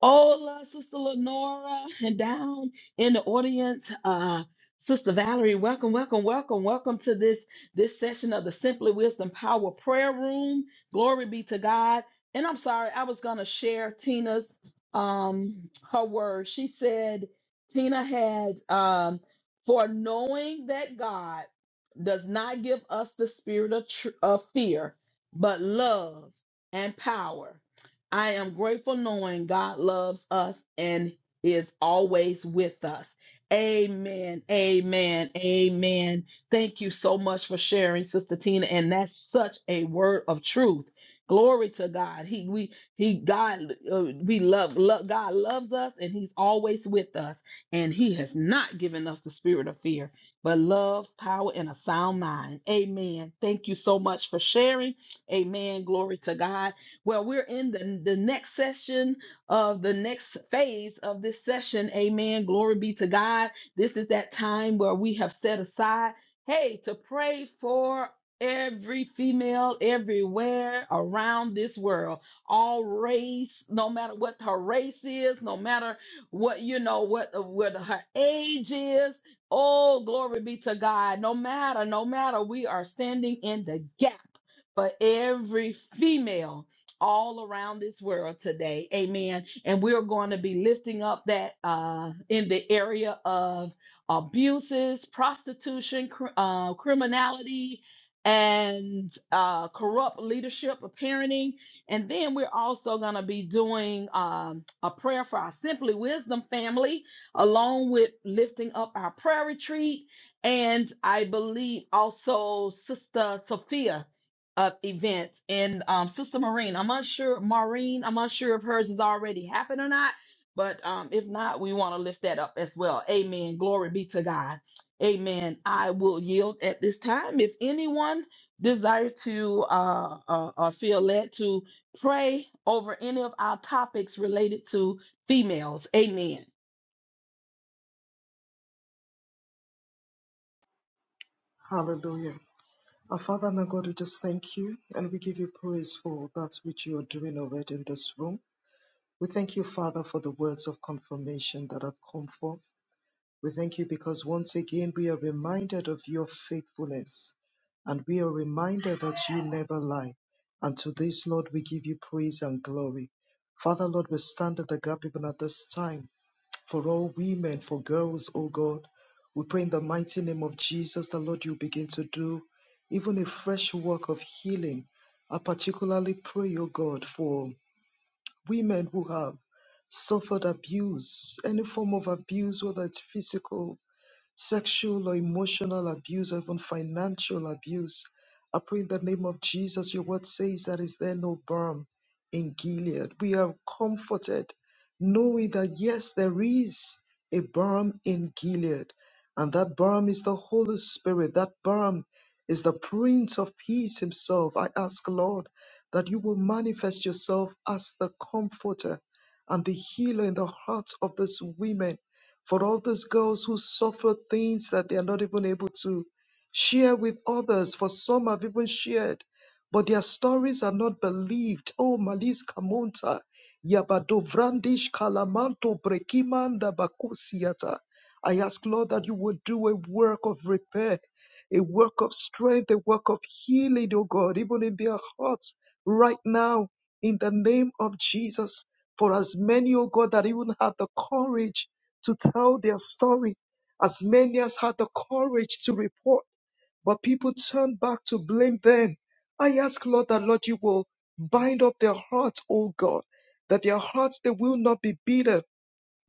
A: Hola, Sister Lenora, and down in the audience, uh, Sister Valerie, welcome, welcome, welcome, welcome to this this session of the Simply Wisdom Power Prayer Room. Glory be to God. And I'm sorry, I was gonna share Tina's um her words. She said Tina had um for knowing that God does not give us the spirit of, tr- of fear, but love and power I am grateful knowing God loves us and is always with us. Amen. Amen. Amen. Thank you so much for sharing, Sister Tina. And that's such a word of truth. Glory to God. He we he God uh, we love, love God loves us and he's always with us and he has not given us the spirit of fear but love, power and a sound mind. Amen. Thank you so much for sharing. Amen. Glory to God. Well, we're in the, the next session of the next phase of this session. Amen. Glory be to God. This is that time where we have set aside, hey, to pray for every female everywhere around this world all race no matter what her race is no matter what you know what what her age is oh glory be to god no matter no matter we are standing in the gap for every female all around this world today. Amen. And we're going to be lifting up that uh, in the area of abuses, prostitution, cr- uh, criminality, and uh, corrupt leadership of parenting. And then we're also going to be doing um, a prayer for our Simply Wisdom family, along with lifting up our prayer retreat. And I believe also Sister Sophia of events. And um, Sister Maureen, I'm unsure, Maureen, I'm unsure if hers has already happened or not, but um, if not, we want to lift that up as well. Amen. Glory be to God. Amen. I will yield at this time. If anyone desire to uh, uh, uh, feel led to pray over any of our topics related to females, amen.
F: Hallelujah. Our Father and our God, we just thank you and we give you praise for that which you are doing already in this room. We thank you, Father, for the words of confirmation that have come forth. We thank you because once again we are reminded of your faithfulness and we are reminded that you never lie. And to this, Lord, we give you praise and glory. Father, Lord, we stand in the gap even at this time for all women, for girls, oh God. We pray in the mighty name of Jesus that, Lord, you begin to do even a fresh work of healing. I particularly pray, oh God, for women who have suffered abuse, any form of abuse, whether it's physical sexual or emotional abuse, or even financial abuse. I pray in the name of Jesus, your word says that is there no balm in Gilead. We are comforted knowing that yes, there is a balm in Gilead, and that balm is the Holy Spirit. That balm is the Prince of Peace himself. I ask, Lord, that you will manifest yourself as the comforter and the healer in the hearts of these women for all those girls who suffer things that they are not even able to share with others. For some have even shared, but their stories are not believed. Oh, Malis Kamonta, Yabadovrandish Kalamanto Brekimanda Bakusiata. I ask, Lord, that you would do a work of repair, a work of strength, a work of healing, oh God, even in their hearts right now, in the name of Jesus. For as many, oh God, that even have the courage to tell their story. As many as had the courage to report, but people turned back to blame them. I ask, Lord, that Lord, you will bind up their hearts, O God, that their hearts they will not be bitter,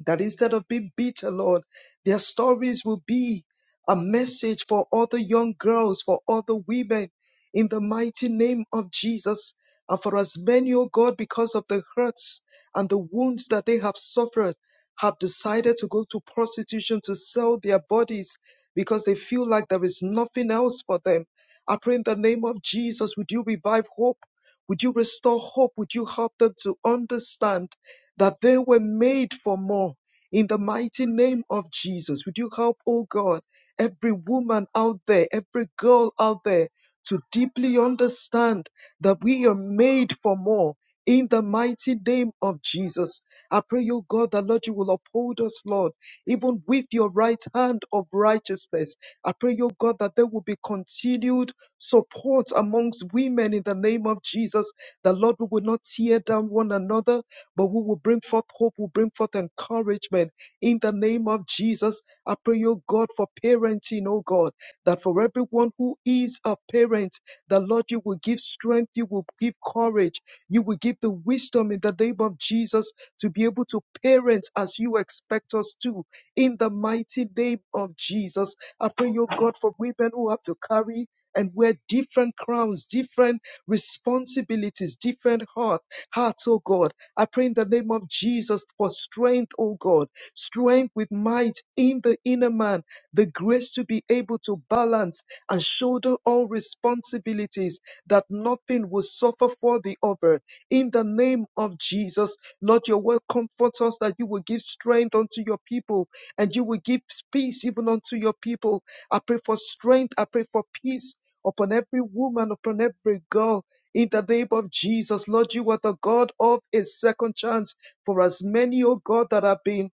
F: that instead of being bitter, Lord, their stories will be a message for other young girls, for other women, in the mighty name of Jesus. And for as many, O God, because of the hurts and the wounds that they have suffered, have decided to go to prostitution to sell their bodies because they feel like there is nothing else for them. I pray in the name of Jesus, would you revive hope? Would you restore hope? Would you help them to understand? that they were made for more. In the mighty name of Jesus, would you help, oh God, every woman out there, every girl out there to deeply understand that we are made for more. In the mighty name of Jesus, I pray, O God, that Lord, you will uphold us, Lord, even with your right hand of righteousness. I pray, O God, that there will be continued support amongst women in the name of Jesus, that Lord, we will not tear down one another, but we will bring forth hope, we will bring forth encouragement in the name of Jesus. I pray, oh God, for parenting, oh God, that for everyone who is a parent, the Lord, you will give strength, you will give courage, you will give the wisdom in the name of Jesus to be able to parent as you expect us to in the mighty name of Jesus. I pray, oh God, for women who have to carry and wear different crowns, different responsibilities, different heart, hearts, oh God. I pray in the name of Jesus for strength, oh God, strength with might in the inner man, the grace to be able to balance and shoulder all responsibilities that nothing will suffer for the other. In the name of Jesus, Lord, your word comforts us that you will give strength unto your people and you will give peace even unto your people. I pray for strength. I pray for peace upon every woman, upon every girl in the name of Jesus, Lord, you are the God of a second chance for as many, oh God, that have been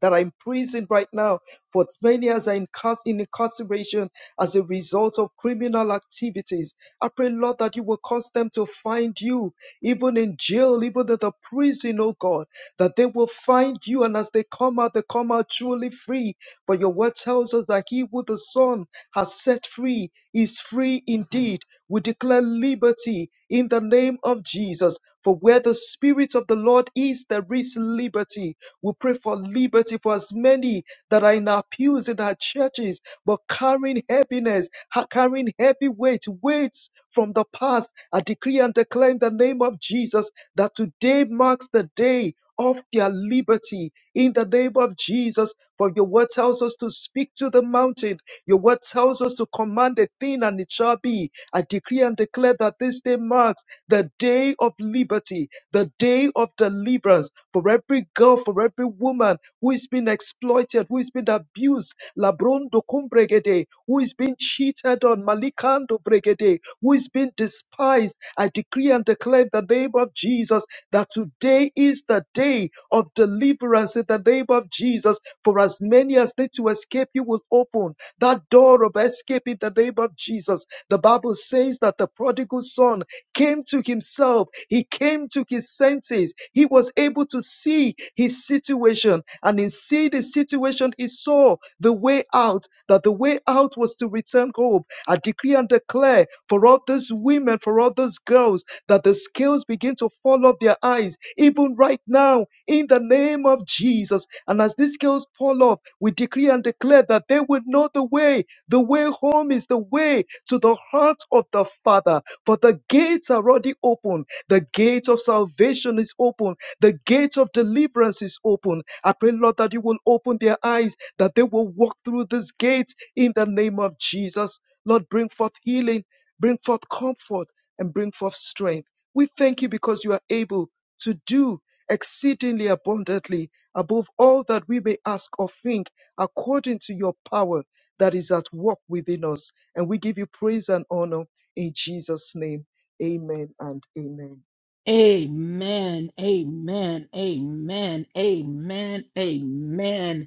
F: that are in prison right now for many as are incars- in incarceration as a result of criminal activities. I pray, Lord, that you will cause them to find you, even in jail, even in the prison, oh God, that they will find you. And as they come out, they come out truly free. For your word tells us that he who the Son has set free is free indeed. We declare liberty in the name of Jesus. For where the Spirit of the Lord is, there is liberty. We pray for liberty for as many that are in our pews in our churches, but carrying heaviness, ha- carrying heavy weight, weights from the past. I decree and declare in the name of Jesus that today marks the day of their liberty in the name of Jesus. For your word tells us to speak to the mountain. Your word tells us to command a thing and it shall be. I decree and declare that this day marks the day of liberty, the day of deliverance, for every girl, for every woman who is being exploited, who is being abused, Labrondo Cumbregede, who is being cheated on, Malikando Bregede, who is being despised. I decree and declare in the name of Jesus that today is the day of deliverance in the name of Jesus. For as many as need to escape, you will open that door of escape in the name of Jesus. The Bible says that the prodigal son came to himself. He came to his senses. He was able to see his situation. And in seeing the situation, he saw the way out, that the way out was to return home. I decree and declare for all those women, for all those girls, that the scales begin to fall off their eyes, even right now, in the name of Jesus. And as these scales fall off, we decree and declare that they will know the way. The way home is the way to the heart of the Father. For the gates are already open. The gate of salvation is open. The gate of deliverance is open. I pray, Lord, that you will open their eyes, that they will walk through these gates in the name of Jesus. Lord, bring forth healing, bring forth comfort, and bring forth strength. We thank you because you are able to do exceedingly abundantly above all that we may ask or think, according to your power that is at work within us. And we give you praise and honor. In Jesus' name, amen and amen.
A: Amen. Amen. Amen. Amen. Amen.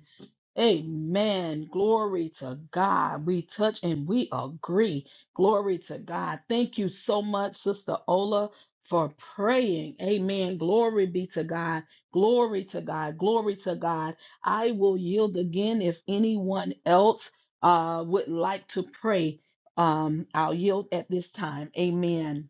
A: Amen. Glory to God. We touch and we agree. Glory to God. Thank you so much, Sister Ola, for praying. Amen. Glory be to God. Glory to God. Glory to God. I will yield again if anyone else uh, would like to pray. Um, I'll yield at this time. Amen.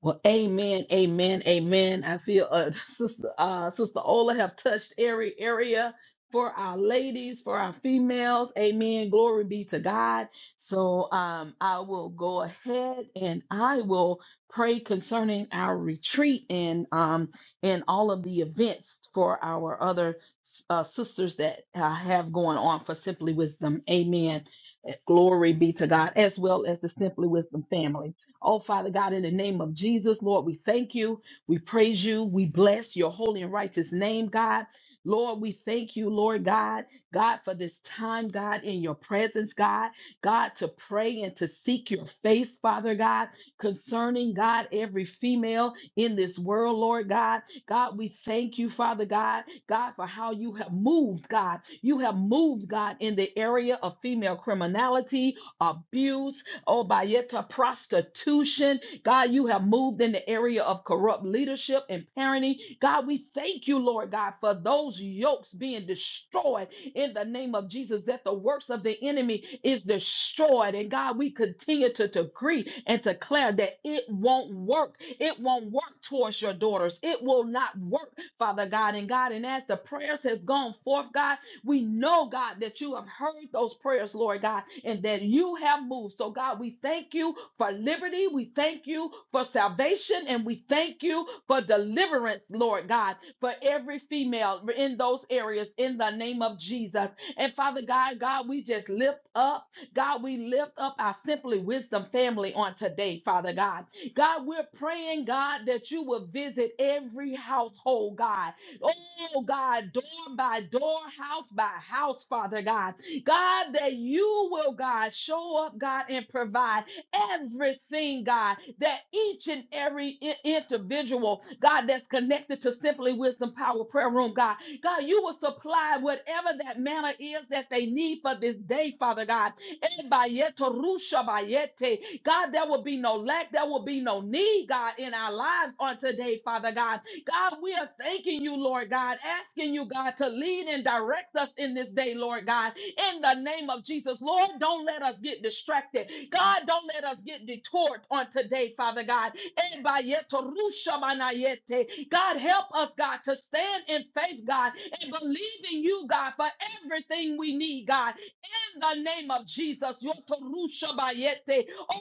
A: Well, amen, amen, amen. I feel uh, sister uh, sister Ola have touched every area for our ladies, for our females. Amen. Glory be to God. So um, I will go ahead and I will pray concerning our retreat and um and all of the events for our other uh, sisters that uh, have going on for Simply Wisdom. Amen. Glory be to God, as well as the Simply Wisdom family. Oh, Father God, in the name of Jesus, Lord, we thank you. We praise you. We bless your holy and righteous name, God. Lord, we thank you, Lord God, God, for this time, God, in your presence, God, God, to pray and to seek your face, Father God, concerning, God, every female in this world, Lord God. God, we thank you, Father God, God, for how you have moved, God. You have moved, God, in the area of female criminality, abuse, oh, Bayeta, prostitution. God, you have moved in the area of corrupt leadership and parenting. God, we thank you, Lord God, for those yokes being destroyed in the name of Jesus, that the works of the enemy is destroyed. And God, we continue to decree and declare that it won't work. It won't work towards your daughters. It will not work, Father God and God. And as the prayers has gone forth, God, we know, God, that you have heard those prayers, Lord God, and that you have moved. So, God, we thank you for liberty. We thank you for salvation, and we thank you for deliverance, Lord God, for every female in those areas in the name of Jesus. And Father God, God, we just lift up, God, we lift up our Simply Wisdom family on today, Father God. God, we're praying, God, that you will visit every household, God Oh God, door by door, house by house, Father God. God, that you will, God, show up, God, and provide everything, God, that each and every i- individual, God, that's connected to Simply Wisdom Power Prayer Room, God, God, you will supply whatever that manner is that they need for this day, Father God. Ebayeto rusha bayete. God, there will be no lack, there will be no need, God, in our lives on today, Father God. God, we are thanking you, Lord God, asking you, God, to lead and direct us in this day, Lord God, in the name of Jesus. Lord, don't let us get distracted. God, don't let us get detoured on today, Father God. Ebayeto rushamanayete. God, help us, God, to stand in faith, God, and believe in you, God, for everything we need, God, in the name of Jesus. Yoto rushabayete.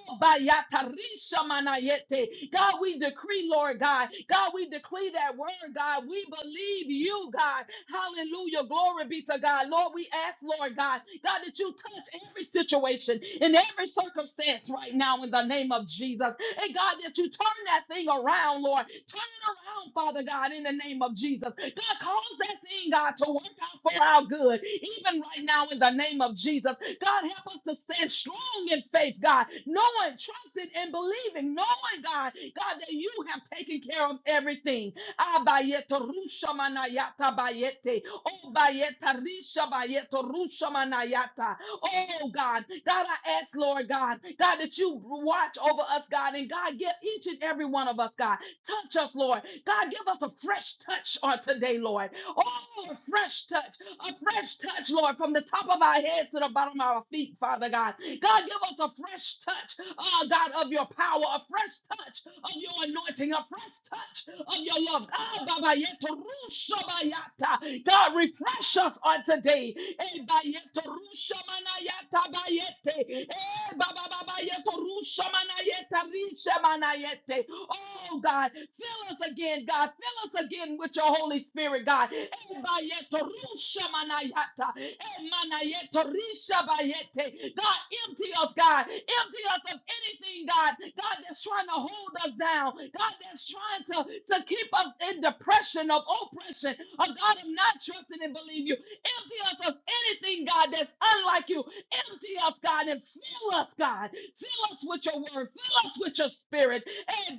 A: Ebayatarishamanayete. God, we decree, Lord God. God, we decree that word, God. We believe you, God. Hallelujah. Glory be to God. Lord, we ask, Lord God, God, that you touch every situation in every circumstance right now in the name of Jesus. And God, that you turn that thing around, Lord. Turn it around, Father God, in the name of Jesus. God, cause that thing, God, to work out for our good, even right now, in the name of Jesus. God, help us to stand strong in faith, God, knowing, trusting, and believing, knowing, God, God, that you have taken care of everything. Abayete rusha manayata bayete. Obayeta risha bayeto rusha manayata. Oh God, God, I ask, Lord God, God, that you watch over us, God, and God, give each and every one of us, God, touch us, Lord. God, give us a fresh touch on today, Lord. Oh, a fresh touch a fresh touch, Lord, from the top of our heads to the bottom of our feet, Father God. God, give us a fresh touch, oh God, of your power, a fresh touch of your anointing, a fresh touch of your love. Ah, Baba Yeto Rusha Bayata. God, refresh us on today. Eh, Bayeto Rusha Manayata Bayete. Eh, Baba Baba Yeto Rusha Manayeta Shemanayete. Oh God, fill us again, God. Fill us again with your Holy Spirit, God. Ebayeto rushamanayata. Emanayeto rishabayete. God, empty us, God. Empty us of anything, God. God, that's trying to hold us down. God, that's trying to, to keep us in depression of oppression. Oh God, I'm not trusting and believe you. Empty us of anything, God, that's unlike you. Empty us, God, and fill us, God. Fill us with your word. Fill us with your spirit. Eh,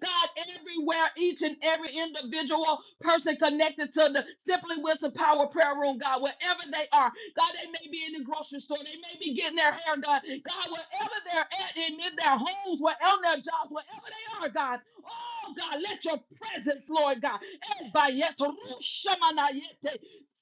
A: God, everywhere, each and every individual person connected to the Simply Wisdom Power Prayer Room, God, wherever they are, God, they may be in the grocery store, they may be getting their hair done, God, wherever they're at, in, in their homes, wherever on their jobs, wherever they are, God, oh God, let your presence, Lord God, Eh,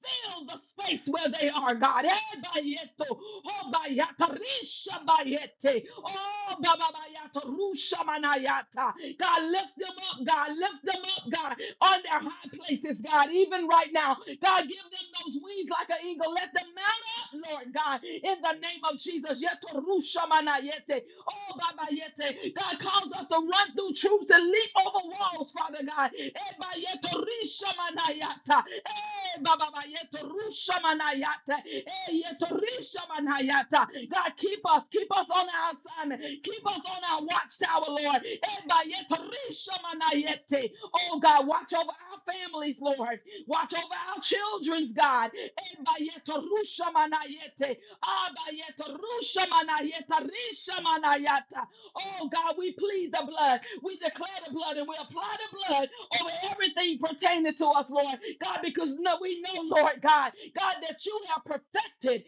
A: Fill the space where they are, God. Eh, bayeto, Oh, bayata, risha bayete. Oh, bababayata, rusha manayata. God, lift them up, God. Lift them up, God, on their high places, God, even right now. God, give them those wings like an eagle. Let them mount up, Lord God, in the name of Jesus. Yeto rusha manayete. Oh, babayete. God, cause us to run through new troops that leap over walls, Father God. Ebayetorishamanayata. Ebababayetorushamanayata. Eyetorushamanayata. God, keep us, keep us on our assignment, keep us on our watchtower, Lord. Ebayetorishamanayete. Oh God, watch over our families, Lord. Watch over our children's God. Abayetorusha manayete. Abayetorusha manayeta. Risha manayata. Oh God, we plead the blood. We declare the blood and we apply the blood over everything pertaining to us, Lord. God, because no, we know, Lord God, God, that you have perfected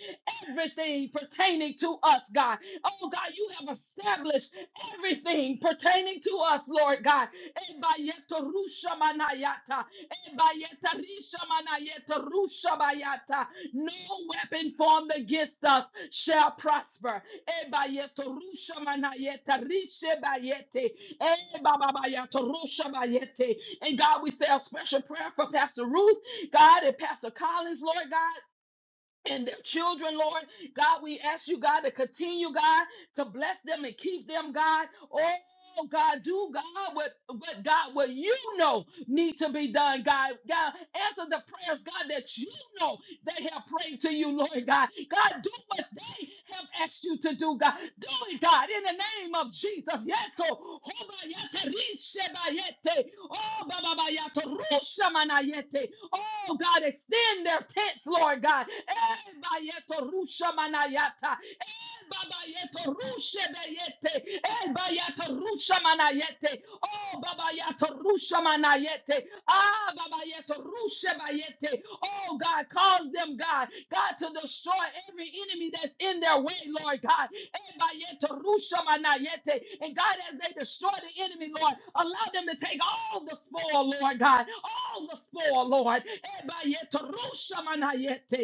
A: everything pertaining to us, God. Oh God, you have established everything pertaining to us, Lord God. Ebayeta rusha manayata. Ebayeta risha manayeta rusha bayata. No weapon formed against us shall prosper. Eba yeto rusha mana yeta rishe ba yete. Eba baba yeto rusha ba yete. And God, we say a special prayer for Pastor Ruth, God, and Pastor Collins, Lord God. And their children, Lord God, we ask you, God, to continue, God to bless them and keep them, God. Oh, Oh God, do God what, what God what you know need to be done, God. God, answer the prayers, God, that you know they have prayed to you, Lord God. God, do what they have asked you to do, God. Do it, God, in the name of Jesus. Yeto, hobayete, rishebayete, Oh, bababayato, rushamanayete. Oh, God, extend their tents, Lord God. Eba rusha manayata. Eh, Baba yeto rushe beyete. el yeto rusha manayete. Oh baba yeto rusha manayete. Ah baba yeto rushe bayete. Oh God, cause them, God, God, to destroy every enemy that's in their way, Lord God. Eba yeto rusha manayete. And God, as they destroy the enemy, Lord, allow them to take all the spoil, Lord God. All the spoil, Lord. Lord. Ebayetorusamanayete,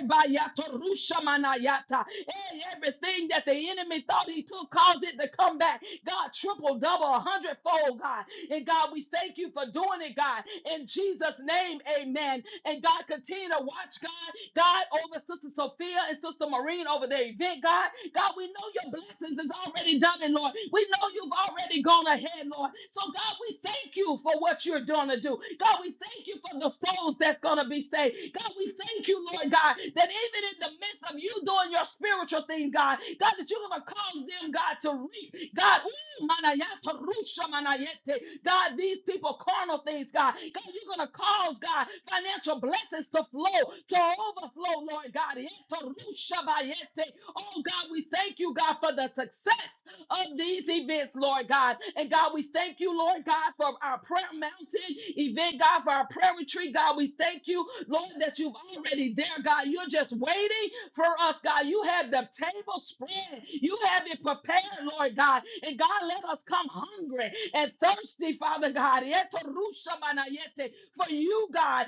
A: ebayatorusamanayata. Eh, Everything that the enemy thought he took, caused it to come back. God, triple, double, a hundredfold, God. And God, we thank you for doing it, God. In Jesus' name, amen. And God, continue to watch, God. God, over Sister Sophia and Sister Maureen over their event, God. God, we know your blessings is already done, and Lord, we know you've already gone ahead, Lord. So, God, we thank you for what you're going to do. God, we thank you for the souls that's going to be saved. God, we thank you, Lord God, that even in the midst of you doing your spiritual thing, God, God, that you're going to cause them, God, to reap. God, ooh, manayata rusha manayete. God, these people, carnal things, God. God, you're going to cause, God, financial blessings to flow, to overflow, Lord God. Yeto rusha bayete. Oh, God, we thank you, God, for the success of these events, Lord God. And God, we thank you, Lord God, for our prayer mountain event, God, for our prayer retreat. God, we thank you, Lord, that you've already there, God. You're just waiting for us, God. You have the table spread, you have it prepared, Lord God. And God, let us come hungry and thirsty, Father God. Yeto rusha manayete, For you, God.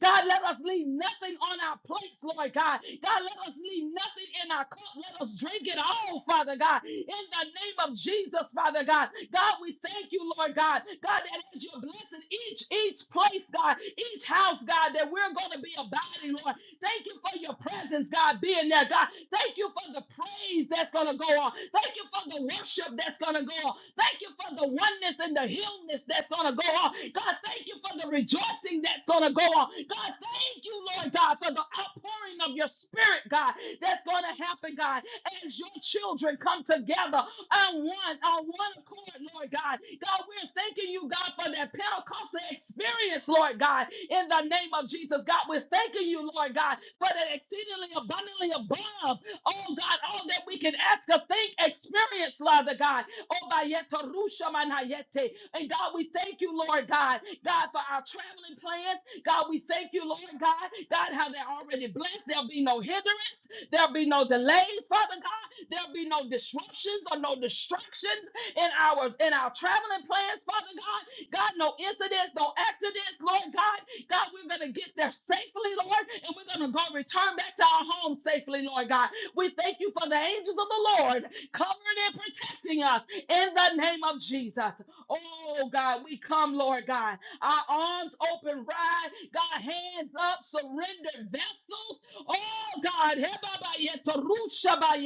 A: God, let us leave nothing on our plates, Lord God. God, let us leave nothing in our cup. Let us drink it all, Father God. In the name of Jesus, Father God. God, we thank you, Lord God. God, that as you're blessing each, each place, God, each house, God, that we're going to be abiding, Lord. Thank you for your presence, God, being there, God. Thank you for the praise that's going to go on. Thank you for the worship that's going to go on. Thank you for the oneness and the healness that's going to go on. God, thank you for the rejoicing that's going to go on. God, thank you, Lord God, for the outpouring stirring of your spirit, God, that's going to happen, God, as your children come together on one, on one accord, Lord God. God, we're thanking you, God, for that Pentecostal experience, Lord God, in the name of Jesus. God, we're thanking you, Lord God, for that exceedingly abundantly above, oh God, all that we can ask or think, experience, Father God. Oh, Obayeta rushamanayete. And God, we thank you, Lord God, God, for our traveling plans. God, we thank you, Lord God, God, how they're already blessed. There'll be no hindrance, there'll be no delays, Father God. There'll be no disruptions or no distractions in our in our traveling plans, Father God. God, no incidents, no accidents, Lord God. God, we're gonna get there safely, Lord, and we're gonna go return back to our home safely, Lord God. We thank you for the angels of the Lord covering and protecting us in the name of Jesus. Oh God, we come, Lord God. Our arms open wide, God, hands up, surrendered vessels. Oh God, He baba yete, rusha ba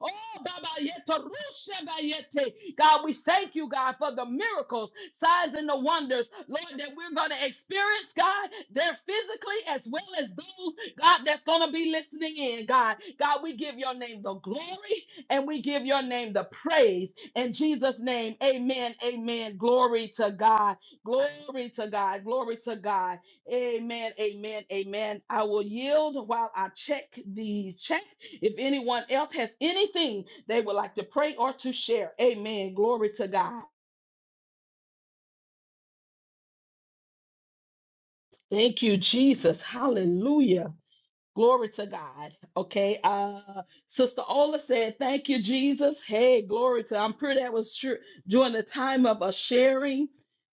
A: oh baba yete, rusha ba God, we thank you, God, for the miracles, signs, and the wonders, Lord, that we're going to experience, God, there physically as well as those, God, that's going to be listening in, God. God, we give your name the glory and we give your name the praise in Jesus' name, amen, amen. Glory to God. Glory to God. Glory to God. Amen, amen, amen. I will yield while I check the chat. If anyone else has anything they would like to pray or to share, amen. Glory to God. Thank you, Jesus. Hallelujah. Glory to God. Okay. Uh Sister Ola said, Thank you, Jesus. Hey, glory to I'm sure that was sure during the time of us sharing,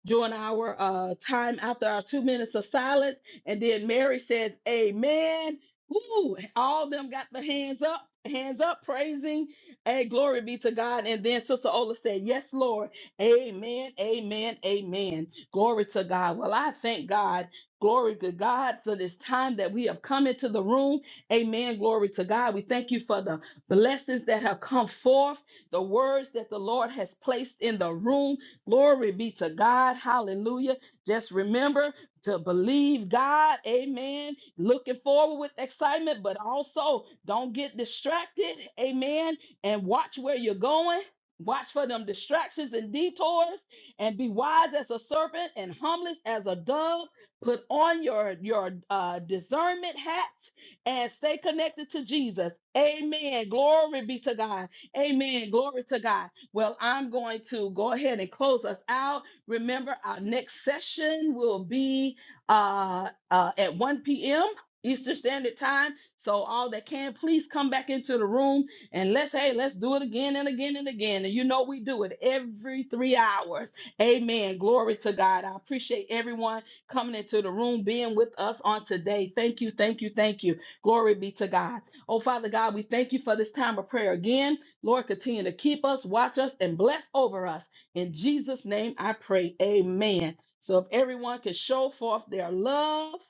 A: during our uh time after our two minutes of silence. And then Mary says, Amen. Ooh, all them got the hands up, hands up, praising. Hey, glory be to God. And then Sister Ola said, Yes, Lord. Amen. Amen. Amen. Glory to God. Well, I thank God. Glory to God. So this time that we have come into the room. Amen. Glory to God. We thank you for the blessings that have come forth, the words that the Lord has placed in the room. Glory be to God. Hallelujah. Just remember to believe God. Amen. Looking forward with excitement, but also don't get distracted. Amen. And watch where you're going. Watch for them distractions and detours and be wise as a serpent and harmless as a dove. Put on your your uh, discernment hats and stay connected to Jesus. Amen. Glory be to God. Amen. Glory to God. Well, I'm going to go ahead and close us out. Remember, our next session will be uh, uh, at 1 p.m. Eastern Standard Time. So all that can, please come back into the room and let's hey, let's do it again and again and again. And you know we do it every three hours. Amen. Glory to God. I appreciate everyone coming into the room, being with us on today. Thank you, thank you, thank you. Glory be to God. Oh, Father God, we thank you for this time of prayer again. Lord, continue to keep us, watch us, and bless over us. In Jesus' name I pray. Amen. So if everyone can show forth their love,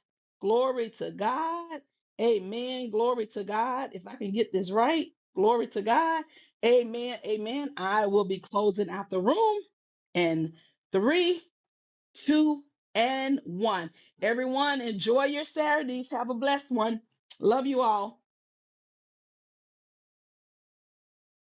A: glory to God. Amen. Glory to God. If I can get this right, glory to God. Amen. Amen. I will be closing out the room. in three, two, and one. Everyone, enjoy your Saturdays. Have a blessed one. Love you all.